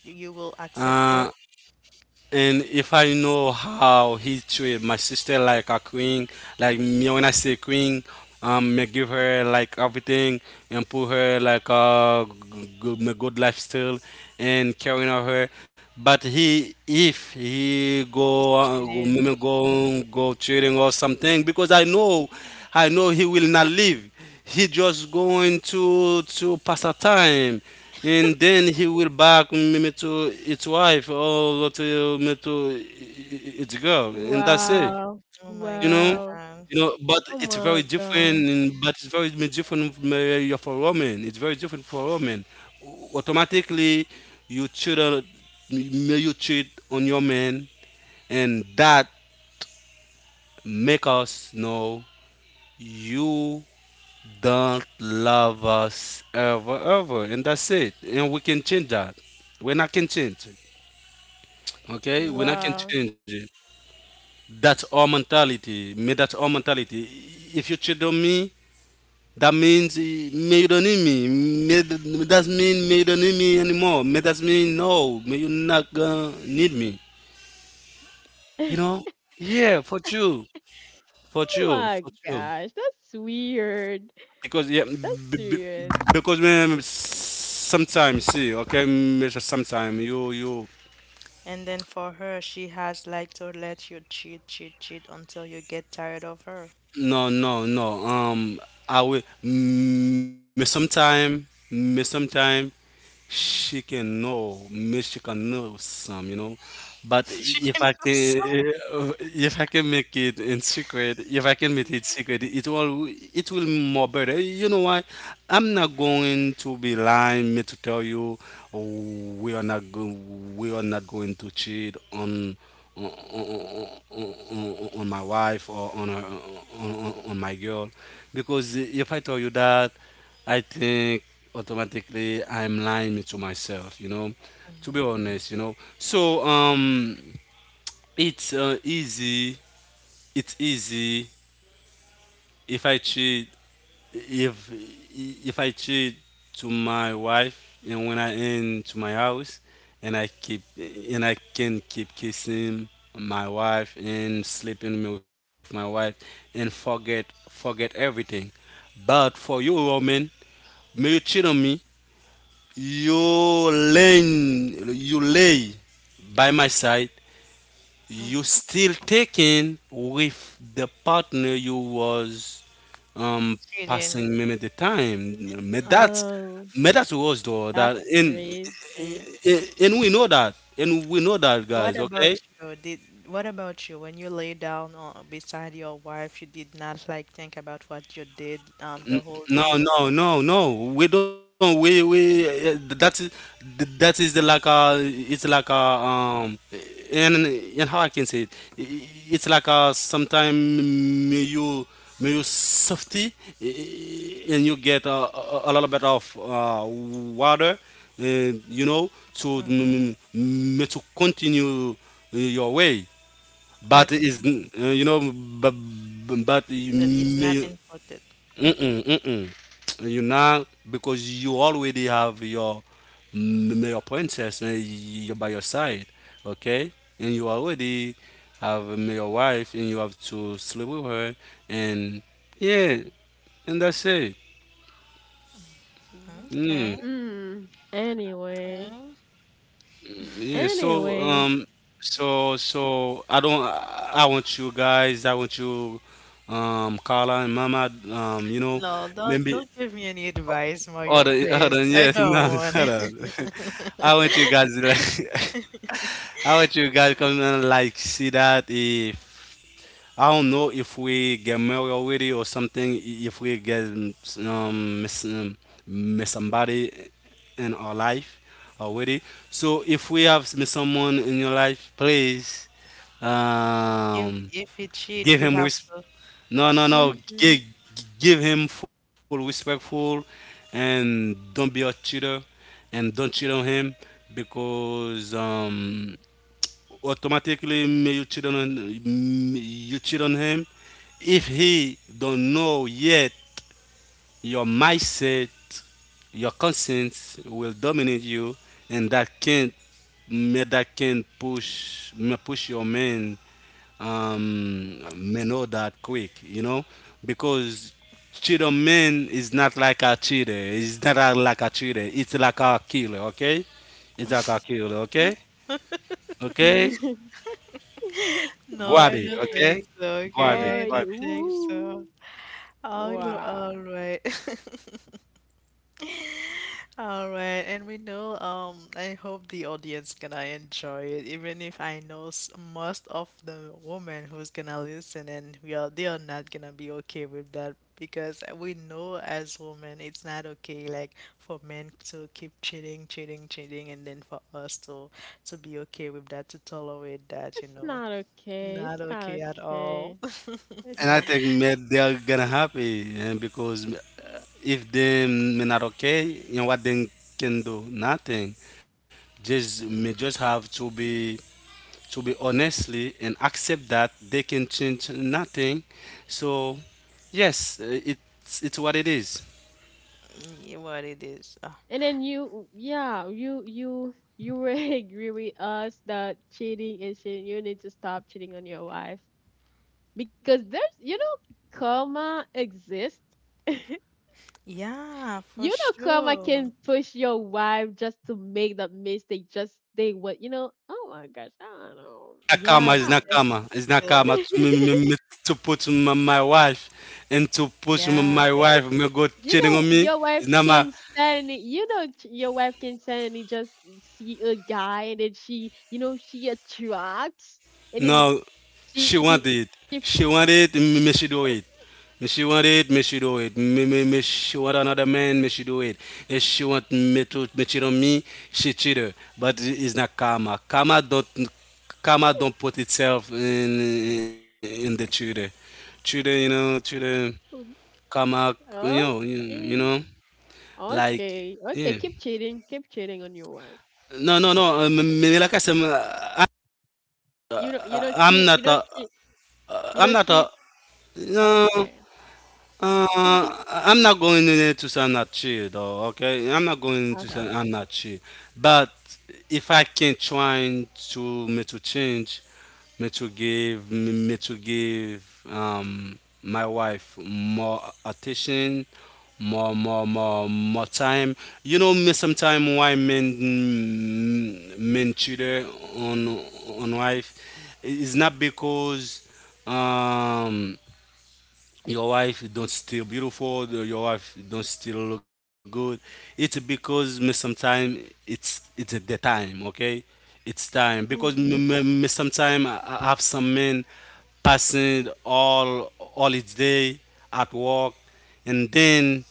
S1: You will accept that
S3: uh and if I know how he treat my sister like a queen, like me when I say queen, me give her like everything and put her like a good, me good lifestyle and caring of her. But he, if he go,
S1: he's cheating.
S3: me go cheating or something, because I know he will not leave. He just going to— to pass a time, and then he will back me to its wife or to me to its girl, and that's it.
S2: Wow.
S1: Oh my
S3: You know,
S2: Wow.
S1: God.
S3: you know. But
S2: Oh
S3: it's
S2: my
S3: very different.
S2: god.
S3: But it's very different from, for women. It's very different for women. Automatically, you You cheat on your man, and that make us know you don't love us ever, ever, and that's it, and we can change that, we're not can change okay, we're not
S1: Mm.
S2: Wow.
S3: can change it. That's our mentality. Me, that's our mentality. If you cheat on me, that means, me you don't need me. Me does mean me you don't need me anymore. Me does mean no. Me you not gonna need me. You know? Yeah, for you,
S2: Oh my
S3: for you.
S2: gosh. That's weird.
S3: Because yeah,
S2: That's weird.
S3: because me sometimes see, okay, me sometimes you—
S1: And then for her, she has like to let you cheat, cheat, cheat until you get tired of her.
S3: no, I will. Me sometime, she can know. Me she can know some, you know. But
S1: She
S3: if
S1: can
S3: I
S1: go
S3: can,
S1: so
S3: eh, if I can make it in secret, if I can make it secret, it will— it will more better. You know why? I'm not going to be lying. Me to tell you, oh, we are not— go, we are not going to cheat on— on my wife or on, her, on my girl, because if I tell you that, I think automatically I'm lying to myself. You know, to be honest, you know. So it's, easy. It's easy if I cheat— if— if I cheat to my wife and when I into my house, and I keep— and I can keep kissing my wife and sleeping with my wife, and forget— everything. But for you woman, may you cheat on me, you lay— by my side, you still taking with the partner you was, um
S1: cheating.
S3: passing maybe the time. But that's—
S2: Oh,
S3: was though
S2: that's
S3: that, and
S2: crazy.
S3: and and we know that, and we know that,
S1: What
S3: guys.
S1: about
S3: Okay,
S1: you? Did what about you? When you lay down on, beside your wife, you did not like think about what you did the whole
S3: no,
S1: day?
S3: We don't. We that is— that is the like, it's like a, and— and how I can say it. It's like a sometime you— safety, and you get a— a little bit of water, and you know to
S1: Mhm.
S3: to continue your way. But
S1: That's,
S3: is, you know, but— but
S1: well, it's not
S3: you—
S1: important.
S3: Mm-mm, mm-mm. You know, because you already have your, your princess, and you're by your side, okay? And you already have, your wife, and you have to sleep with her, and yeah, and that's it. Mm,
S1: Okay,
S2: Mm. Anyway.
S1: okay.
S3: yeah. So,
S2: Anyway.
S3: so I don't. I— want you guys. I want you, Carla and Mama. You know,
S1: No,
S3: maybe—
S1: don't give me any advice,
S3: hold
S1: Mario,
S3: on, hold
S1: please.
S3: on,
S1: I
S3: yes,
S1: don't
S3: no,
S1: want
S3: hold
S1: it.
S3: on. I want you guys to like, I want you guys come and like see that if I don't know if we get married already or something, if we get miss, miss somebody in our life already. So if we have miss someone in your life, please, um
S1: If we cheat,
S3: give
S1: we
S3: him—
S1: have to.
S3: no,
S2: Mm-hmm.
S3: Give him full respectful, and don't be a cheater, and don't cheat on him because automatically may you cheat on you cheat on him. If he don't know yet your mindset, your conscience will dominate you, and that can that can push may push your man um men all that quick, you know, because cheater man is not like a cheater. It's not a, like a cheater. It's like a killer. Okay, it's like a killer. Okay, okay,
S1: No,
S3: grab
S1: I
S3: it.
S1: don't
S3: Okay,
S1: think so.
S3: grab it.
S1: Okay,
S2: Oh,
S1: I
S3: Grab
S1: don't
S3: it.
S1: think so.
S2: woo.
S1: All,
S2: Wow.
S1: all right. All right, and we know, I hope the audience gonna enjoy it, even if I know most of the women who's gonna listen and we are they are not gonna be okay with that because we know as women it's not okay like for men to keep cheating, cheating, cheating, and then for us to be okay with that, to tolerate that, you
S2: It's
S1: know.
S2: not okay.
S1: Not
S2: It's not
S1: okay at all.
S2: okay. It's
S3: And I
S2: not.
S3: think maybe they're gonna happy, and because if them may not okay, you know what they can do nothing. Just may just have to be honestly and accept that they can change nothing. So yes, it's what it is.
S1: What it is.
S2: And then you, yeah, you will agree with us that cheating is cheating. You need to stop cheating on your wife because there's, you know, karma exists.
S1: Yeah, for
S2: You know, karma
S1: sure.
S2: can push your wife just to make that mistake. Just they what you know. Oh my gosh, I don't know.
S3: Nakama is
S1: Yeah,
S3: Nakama.
S1: just to
S3: It's Nakama
S1: feel.
S3: to, me, me, me,
S2: Ah.
S3: to put my wife and to push
S1: Yeah.
S3: my wife me go
S2: You
S3: cheating
S2: know
S3: on me.
S2: your wife
S3: It's not my
S2: can suddenly, you know, your wife can suddenly just see a guy, and then she, you know, she attracts, and then
S3: no,
S2: she
S3: she want
S2: she
S3: it.
S2: she
S3: She want it, me she do it. Me she want it, me she do it. Me, me, me she want another man, me she do it. If she want me to me cheat on me, she cheated. But it's not karma. Karma don't put itself in the cheater. Cheater, you know, cheater karma, you know, you
S2: okay,
S3: know, like
S2: okay
S3: yeah.
S2: keep cheating, keep cheating on your wife, keep
S3: No, no, no.
S2: cheating.
S3: Like I said, I'm
S2: You don't,
S3: I'm
S2: cheat,
S3: not a,
S2: you
S3: I'm
S2: don't
S3: not a,
S2: cheat
S3: no.
S2: okay, all right.
S3: Uh, I'm not going in there to say I'm not chill though. Okay, I'm not going to
S2: Okay.
S3: say I'm not chill. But if I can try to me to change, me to give me to give my wife more attention, more time. You know me sometimes why men cheater on on wife. It's not because um your wife don't still beautiful your wife don't still look good it's because me sometimes it's the time okay it's time because
S2: Hmm.
S3: me sometime I have some men passing all its day at work and then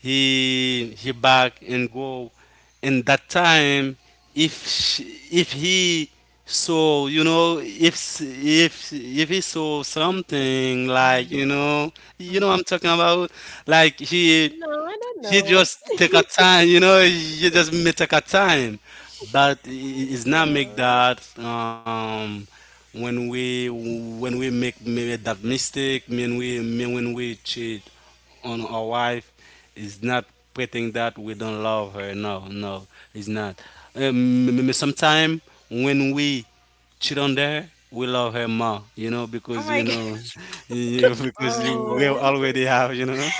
S3: he back and go and that time if she, if he saw you know if he saw something like
S1: Mm-hmm.
S3: you know what
S1: Mm-hmm.
S3: I'm talking about like he
S2: No, I don't
S3: you
S2: know.
S3: just take a time, you know, you just may take a time. But
S2: I
S3: it's
S2: don't
S3: not make
S2: know.
S3: that when we make maybe that mistake, when we mean when we cheat on our wife, it's not pretending that we don't love her. No, no, it's not. Sometimes when we cheat on her, we love her more, you know,
S1: Oh
S3: because we
S1: my God.
S3: know, because we
S2: Oh,
S3: already have, you know.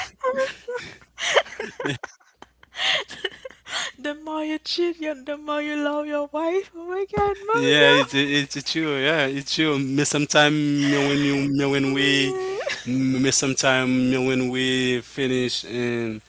S1: The more you cheat, you, the more you love your wife. Oh my God,
S3: Yeah,
S1: Mario.
S3: it's it's true. Yeah, it's true. Me sometime me when
S1: Oh
S3: we
S1: my God.
S3: me sometime me when we finish and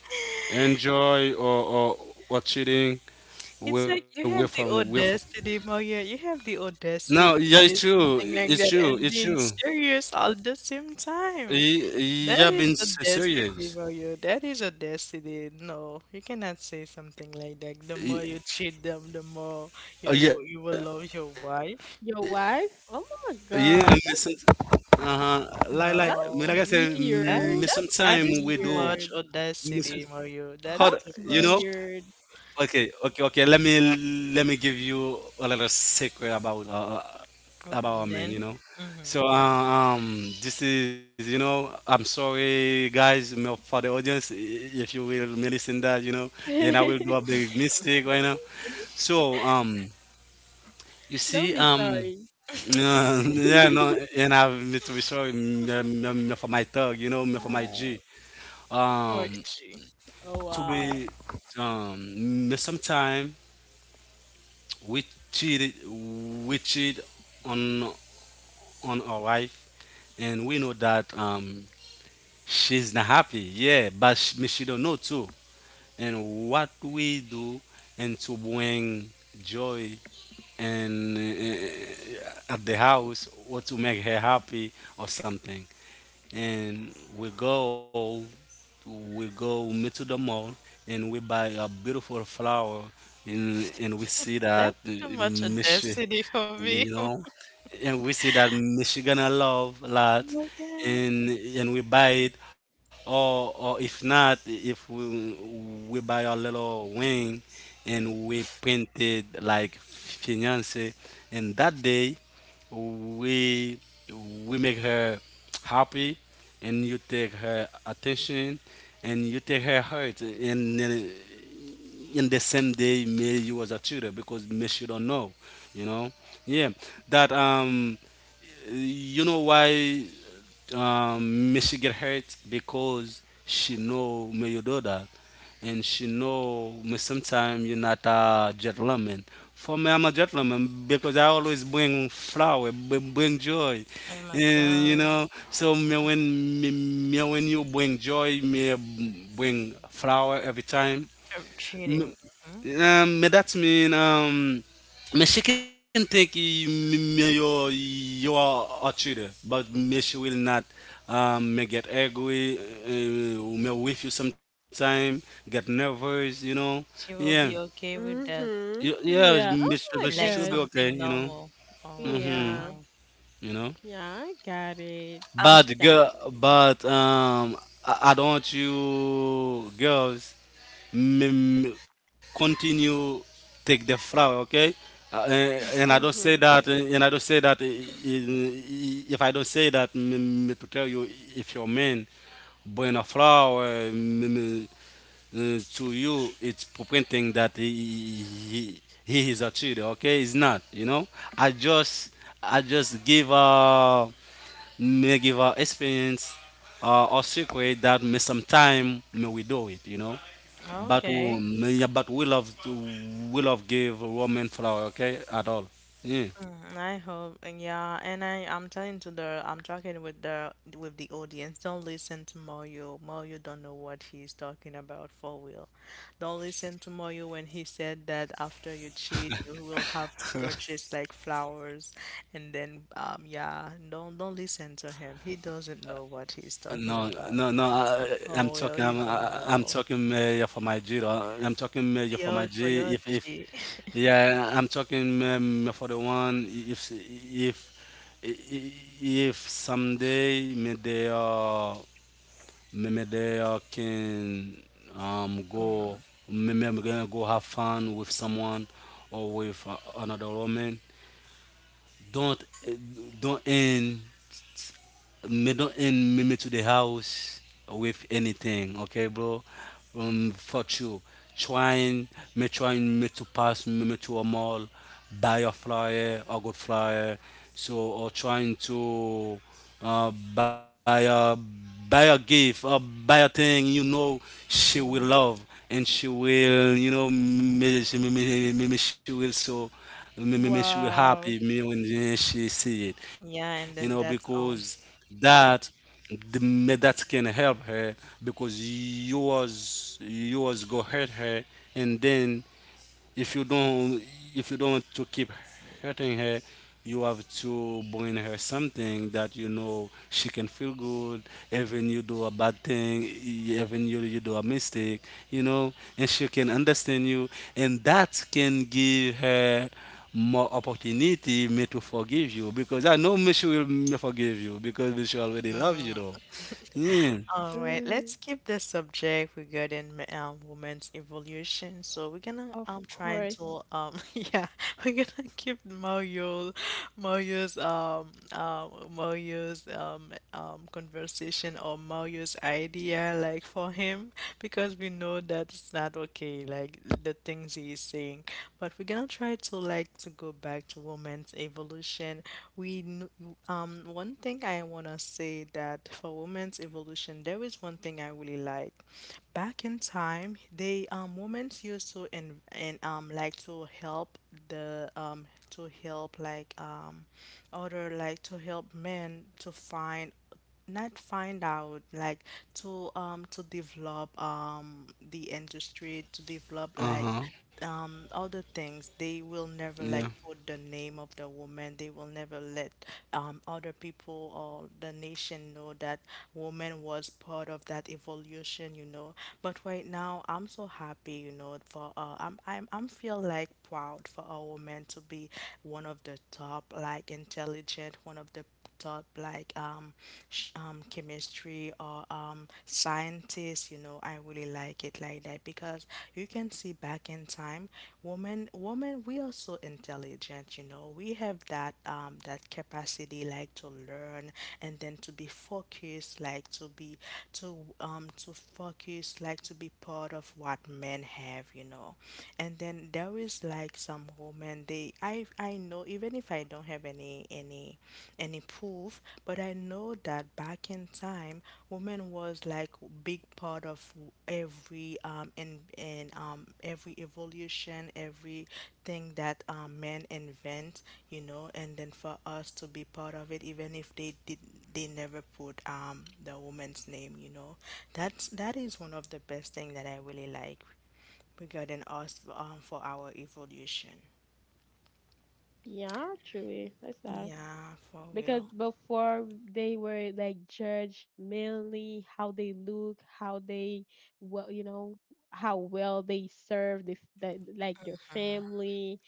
S3: enjoy or cheating.
S1: It's
S3: We
S1: like
S3: we
S1: you have
S3: from we
S1: the
S3: from.
S1: audacity, Mario. You have the
S3: No,
S1: audacity
S3: yeah,
S1: to
S3: it's
S1: say
S3: true.
S1: something
S3: It's
S1: like that
S3: true.
S1: and
S3: It's
S1: being
S3: true.
S1: serious all the same time.
S3: Yeah,
S1: That is a destiny,
S3: serious.
S1: Mario. That is a destiny. No, you cannot say something like that. The more you cheat them, the more
S3: Yeah,
S1: you will love your wife.
S2: your
S3: yeah.
S2: wife,
S3: Me
S2: oh
S3: some,
S2: my gosh.
S3: uh-huh. Like me like I said,
S2: That's
S1: No,
S3: me sometime
S1: that
S3: we
S2: weird.
S1: is
S3: do.
S2: That's
S1: that is too
S3: Me some,
S1: much
S2: weird.
S1: audacity,
S3: hard,
S1: Mario.
S3: you
S1: That's
S3: know.
S1: too
S2: That's
S1: much.
S2: weird.
S3: Okay, okay, okay. Let me give you a little secret
S1: Oh,
S3: about our men. You know,
S1: man.
S3: so
S1: Mm-hmm.
S3: this is you know. I'm sorry, guys, for the audience, if you will me listen that you know, and I will do a big mistake right now. So you
S2: Don't
S3: see
S2: be
S3: um.
S2: sorry.
S3: Yeah, no, and I need to be sorry for my thug, you know, for my
S2: Uh,
S3: G.
S1: Oh,
S3: Um,
S1: gee.
S3: to
S2: oh
S3: be
S2: wow.
S3: um, sometime we cheated, we cheat on on our wife, and we know that she's not happy. Yeah, but she don't know too. And what we do, and to bring joy and at the house, or to make her happy or something. And we go meet to the mall and we buy a beautiful flower and we see
S1: That's
S3: that
S1: too much
S3: Michi,
S1: audacity for me.
S3: you know, and we see that Michigan I love a
S1: Oh
S3: lot,
S1: my god.
S3: and we buy it. Or if not, if we we buy a little wing and we painted like fiance, and that day we we make her happy and you take her attention and you take her heart and then in the same day maybe you was a tutor because maybe she don't know you know yeah that you know why um, may she get hurt because she know me your daughter and she know me sometimes you're not a gentleman. For me, I'm a gentleman because I always bring flower, bring joy,
S1: Oh my
S3: and you
S1: god.
S3: know. So me when me when you bring joy, me bring flower every time.
S1: Cheating. Hmm.
S3: Me that's mean me she can think me, me you you are a cheater, but me she will not. Me get angry, me with you sometime, get nervous, you know.
S1: She
S3: Yeah,
S1: will be okay with that.
S2: Mm-hmm.
S3: yeah,
S2: Yeah. Oh
S3: me
S2: my
S3: she
S1: Like
S3: should be
S2: gosh.
S3: okay,
S1: something
S3: you know.
S1: normal. Oh my
S3: Mm-hmm.
S2: Yeah.
S1: god.
S3: You know,
S2: Yeah, I got it.
S1: I'm
S2: I
S3: but
S1: just
S2: got
S3: girl,
S2: it.
S3: but I don't want you girls mm, continue take the flower, okay? And I don't say
S2: Mm-hmm.
S3: that, and I don't say that if I don't say that to tell you if your man bring a flower to you, it's pointing that he is a cheater, okay? It's not, you know? I just, I just give a may give us experience or secret that may sometime may we do it, you know. But
S1: okay.
S3: yeah, but we love give woman flower, okay, at all. Yeah.
S1: Mm, I hope, and yeah, and I'm telling to the I'm talking with the audience. Don't listen to Mario. Mario don't know what he's talking about for real. Don't listen to Mario when he said that after you cheat, you will have to purchase like flowers, and then yeah, don't listen to him. He doesn't know what he's
S3: No,
S1: talking
S3: no,
S1: about.
S3: no. I'm
S1: Oh
S3: talking.
S1: well, you don't
S3: I'm
S1: know.
S3: talking yeah, for my G. though. I'm talking yeah, for my
S1: Yo, for
S3: G.
S1: your
S3: If,
S1: cheat.
S3: yeah, I'm talking for the one. If someday may they maybe they can go, maybe I'm gonna go have fun with someone or with another woman. Don't don't end don't end me, me to the house with anything, okay, bro? For you, trying trying me to pass me to a mall, buy a flyer, a good flyer, so or trying to uh, buy a buy a gift or buy a thing you know she will love and she will, you know, me- she will so, me- she will happy
S2: Wow.
S3: me when she see it,
S1: Yeah, and
S3: you
S1: then
S3: know,
S1: that's all.
S3: because that the, me- that can help her because you was go hurt her and then if you don't if you don't want to keep hurting her you have to bring her something that you know she can feel good even you do a bad thing even you do a mistake you know and she can understand you and that can give her more opportunity me to forgive you because I know me she will me forgive you because me she already loves you though yeah
S1: All right,
S2: Mm,
S1: let's keep the subject regarding women's evolution. So we're gonna
S2: of
S1: try to
S2: course.
S1: yeah, we're gonna keep Mario Mario's Mario's conversation or Mario's idea there like for him because we know that it's not okay, like the things he is saying. But we're gonna try to like to go back to women's evolution. We kn- One thing I wanna say that for women's evolution, there is one thing I really like. Back in time, they women used to and like to help the to help other like to help men to find not find out like to develop the industry to develop
S3: uh-huh
S1: other things. They will never
S3: yeah
S1: like put the name of the woman. They will never let other people or the nation know that woman was part of that evolution, you know. But right now, I'm so happy, you know, for I'm feel like proud for a woman to be one of the top, like intelligent, one of the taught like chemistry or scientists. You know, I really like it like that because you can see back in time, women, we are so intelligent. You know, we have that capacity like to learn and then to be focused, like to be to focus, like to be part of what men have. You know, and then there is like some women they I know even if I don't have any proof, but I know that back in time, women was like big part of every and every evolution, everything that men invent, you know, and then for us to be part of it, even if they never put the woman's name, you know, that is one of the best thing that I really like regarding us for our evolution.
S2: Yeah, actually. That's that.
S1: Yeah, for
S2: Because
S1: real.
S2: before they were like judged mainly how they look, how they well, you know, how well they serve the like their family.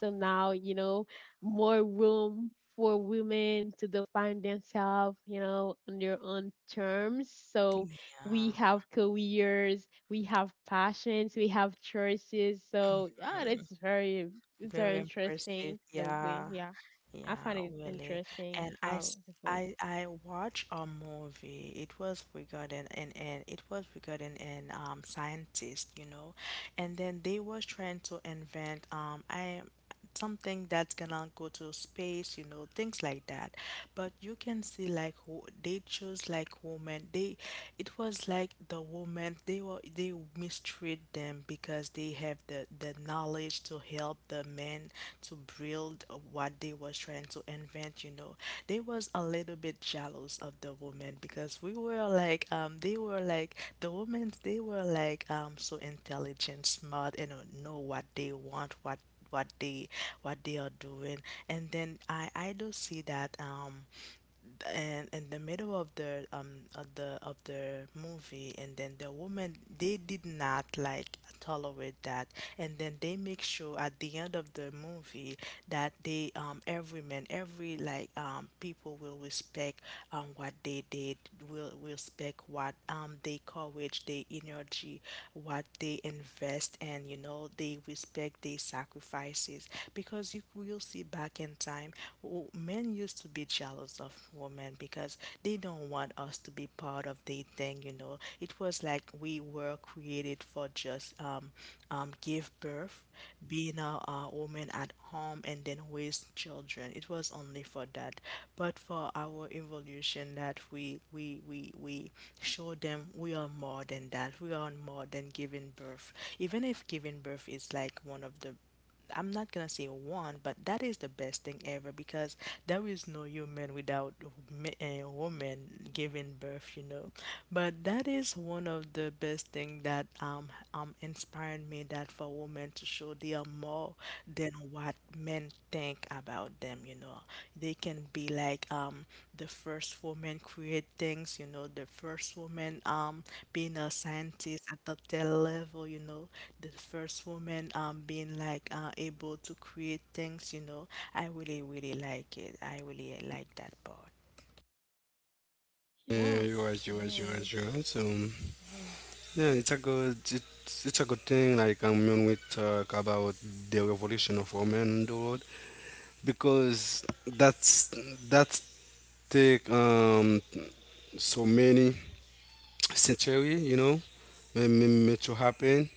S2: So now, you know, more room for women to define themselves, you know, on their own terms. So we
S1: Yeah.
S2: have careers, we have passions, we have choices. So yeah, it's very
S1: Very
S2: interesting
S1: impressive.
S2: the way,
S1: Yeah.
S2: yeah. I
S1: Yeah,
S2: find it
S1: really.
S2: interesting
S1: And
S2: how they vote.
S1: I watched a movie. It was regarding and it was regarding an scientist, you know, and then they was trying to invent I something that's gonna go to space, you know, things like that. But you can see like who they chose like women. They It was like the woman they mistreat them because they have the knowledge to help the men to build what they was trying to invent, you know. They was a little bit jealous of the woman because we were like they were like the women they were like so intelligent, smart and know what they want, what they what they are doing. And then I do see that and in the middle of the of the of the movie and then the woman they did not like tolerate that and then they make sure at the end of the movie that they every man every like people will respect what they did, will respect what they courage their energy, what they invest, and you know they respect like their sacrifices because you will see back in time men used to be jealous of women because they don't want us to be part of their thing, you know. It was like we were created for just give birth, being a woman at home and then raise children. It was only for that, but for our evolution that we show them we are more than that. We are more than giving birth. Even if giving birth is like one of the, I'm not gonna say one, but that is the best thing ever because there is no human without a woman giving birth, you know. But that is one of the best thing that inspired me that for women to show they are more than what men think about them, you know. They can be like the first woman create things, you know, the first woman being a scientist at the tell level, you know, the first woman being like able to create things, you know. I really really like it. I really like that part.
S3: yeah
S2: Yeah, of
S3: you are so
S2: course.
S3: yeah,
S2: Yes.
S3: it's a good thing. Like when we talk about the revolution of women in the world, because that's take so many century, you know, to happen.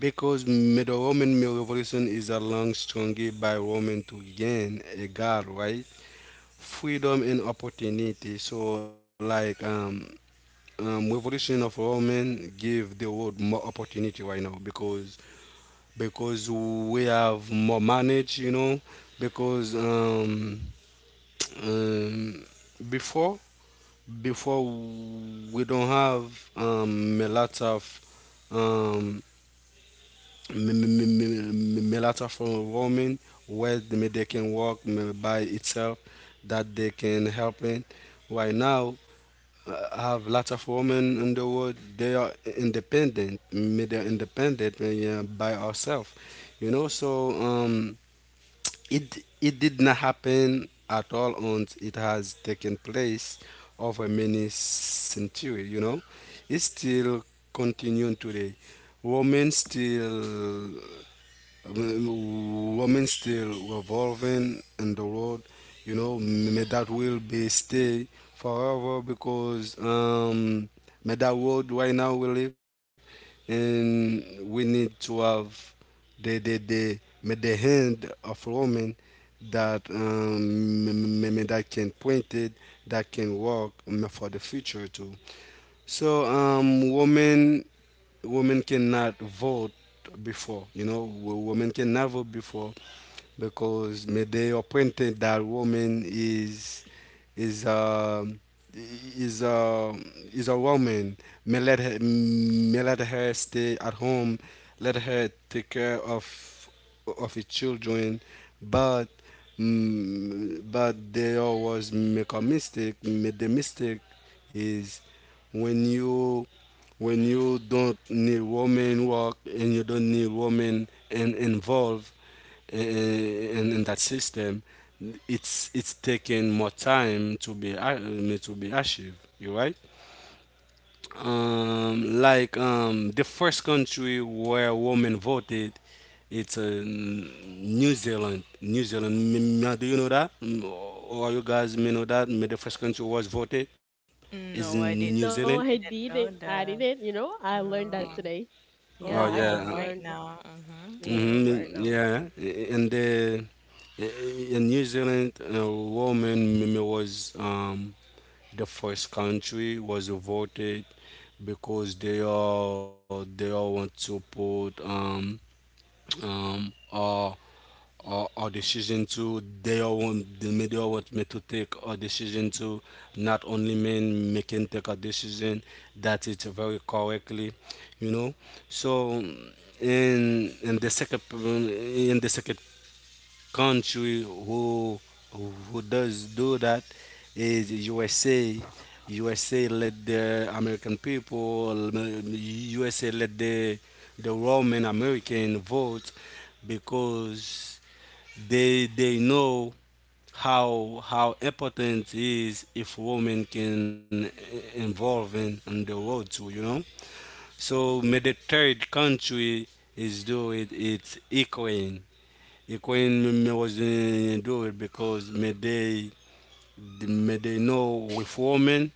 S3: Because the Roman male revolution is a long struggle by women to gain a god, right? Freedom and opportunity. So like revolution of women give the world more opportunity right now because we have more manage, you know, because um, before before we don't have a lot of a lot of women where they can work by itself that they can help in. Right now, have lots of women in the world. They are independent. May they're independent yeah, by ourselves, you know. So. It it did not happen at all and it has taken place over many centuries, you know. It's still continuing today. Women still women still revolving in the world you know may that will be stay forever because may that world right now we live and we need to have the may the hand of women that may that can point it that can work for the future too so women cannot vote before. You know, wo- women cannot vote before, because Medei appointed that woman is is um is a is a woman. May let her stay at home. Let her take care of her children, but but they always make a mistake. Made the mistake is when you when you don't need woman work and you don't need woman and involve in that system, it's taking more time to be to be achieved. You right? Like the first country where women voted, it's New Zealand. New Zealand. Do you know that? Mm, or you guys may know that? May the first country was voted is in
S1: No,
S3: New
S1: I didn't.
S3: Zealand.
S2: No, I
S1: I didn't
S2: didn't.
S1: know
S2: I
S1: that.
S2: didn't. You know, I learned that
S1: No.
S2: today. Oh,
S3: Oh
S2: I just
S1: Yeah,
S3: yeah,
S1: right
S2: learned it.
S1: now. Mm-hmm.
S2: Yeah, right
S3: mm
S2: now.
S3: yeah. And the in New Zealand, a woman was the first country was voted because they all want to put um our our decision to they all want the media want me to take a decision to not only men making take a decision that it's very correctly you know so in the second country who does do that is USA. USA let the American people, USA let the Roman American vote because they know how important is if women can involve in on the world too, you know. So may the third country is do it. It's Ukraine. It when me wasn't do it because may they may they know with women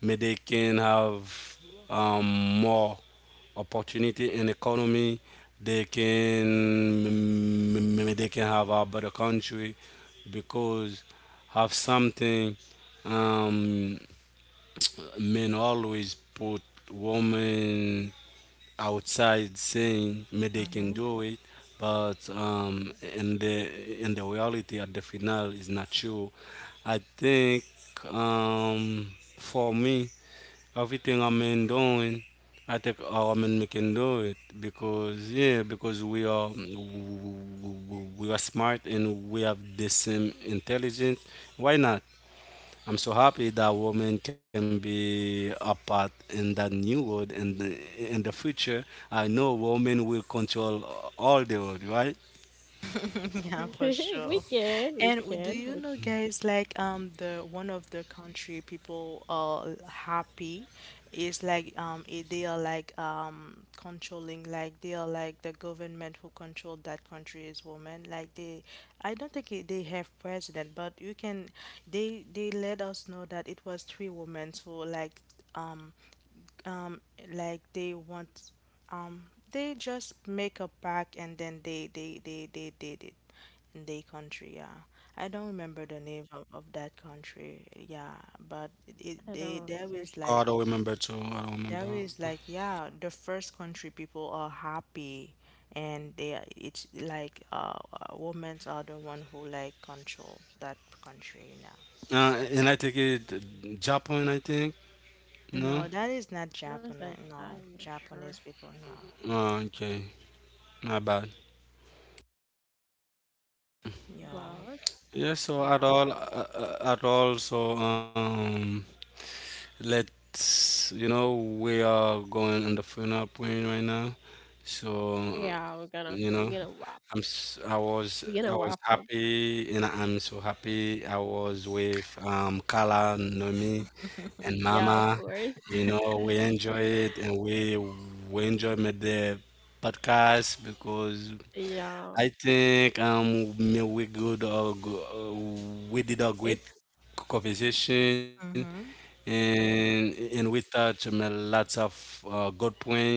S3: may they can have more opportunity in economy. They can maybe they can have a better country because have something um, men always put women outside saying maybe they can
S1: Mm-hmm.
S3: do it, but in the reality at the final is not true. I think um, for me, everything I'm in doing, I think our men we can do it because yeah, because we are smart and we have the same intelligence. Why not? I'm so happy that women can be a part in that new world and in the future. I know women will control all the world, right?
S1: Yeah, for
S2: We
S1: sure.
S2: can, we
S1: And do
S2: can,
S1: you
S2: we can.
S1: know, guys, like the one of the country people are happy is like they are like controlling, like they are like the government who control that country is women, like they I don't think it, they have president, but you can they let us know that it was 3 women who um um like they want um they just make a pact, and then they did it in their country, yeah. I don't remember the name of that country, yeah, but it
S2: I don't
S1: they
S2: know. Seriously,
S3: I
S2: taking.
S3: don't remember too. I don't
S1: there
S3: remember.
S1: is like yeah the first country people are happy, and they are- it's like women are the one who like control that country now.
S3: And I take it Japan. I think no.
S1: No, that is not
S2: What's
S1: Japan.
S2: that?
S1: No,
S2: I'm not sure.
S1: Japanese people, no.
S3: Okay, my bad.
S1: Yo.
S2: Wow.
S3: Yeah. So at all,
S2: Wow.
S3: at all. So. Let's, you know, we are going on the final point right now. So,
S2: Yeah, we're gonna
S3: you know,
S2: wrap.
S3: I'm, s- I was,
S2: We're gonna
S3: I was
S2: wrap up.
S3: happy, and I'm so happy. I was with Kala, Nomi, and
S2: Yeah, of
S3: Mama.
S2: course.
S3: You know, we enjoy it, and we enjoy made the podcast because
S2: Yeah,
S3: I think we good or go- we did a great
S2: it's.
S3: conversation
S1: Mm-hmm.
S2: Mm-hmm.
S3: and we touch lots of good point.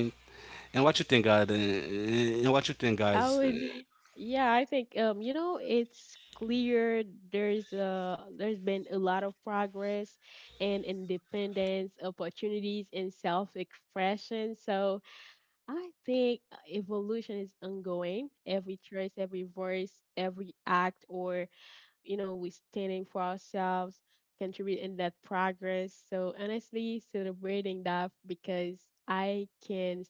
S3: And what you think, God? And what you think,
S2: I
S3: guys?
S2: would, yeah, I think you know, it's clear there's been a lot of progress and independence, opportunities and self-expression. So I think, evolution is ongoing. Every choice, every voice, every act, or you know, we standing for ourselves, contributing that progress. So honestly, celebrating that because I can,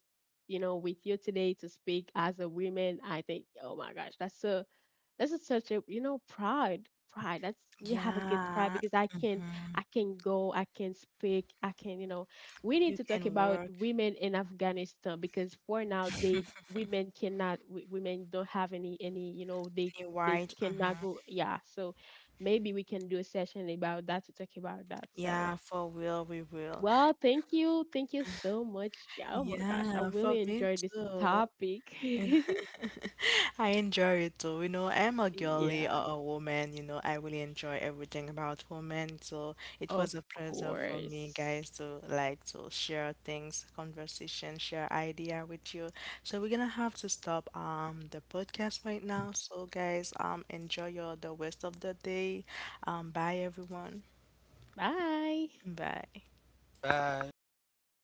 S2: you know, with you today to speak as a woman, I think, oh my gosh, that's so this is such a, you know, pride. That's we have a good pride
S1: Yeah.
S2: because
S1: Hmm.
S2: I can go, I can speak, I can you know. We need
S1: You
S2: to talk
S1: can
S2: about
S1: work
S2: women in Afghanistan because for now they women cannot women don't have any you know
S1: and you
S2: they
S1: write.
S2: cannot
S1: Hmm.
S2: go yeah. So maybe we can do a session about that to talk about that. So.
S1: Yeah, for real, we will.
S2: Well, thank you. Thank you so much. Yeah, oh my gosh, I
S1: Yeah, for
S2: really
S1: me
S2: enjoyed this
S1: too.
S2: topic.
S1: I enjoy it too. You know, I'm a girly,
S2: Yeah,
S1: or a woman. You know, I really enjoy everything about women. So it was
S2: of
S1: a pleasure for me,
S2: course.
S1: guys, to like to share things, conversation, share idea with you. So we're gonna have to stop the podcast right now. So guys, enjoy your the rest of the day. Bye everyone.
S2: Bye
S1: Bye.
S3: Bye, bye, bye, bye.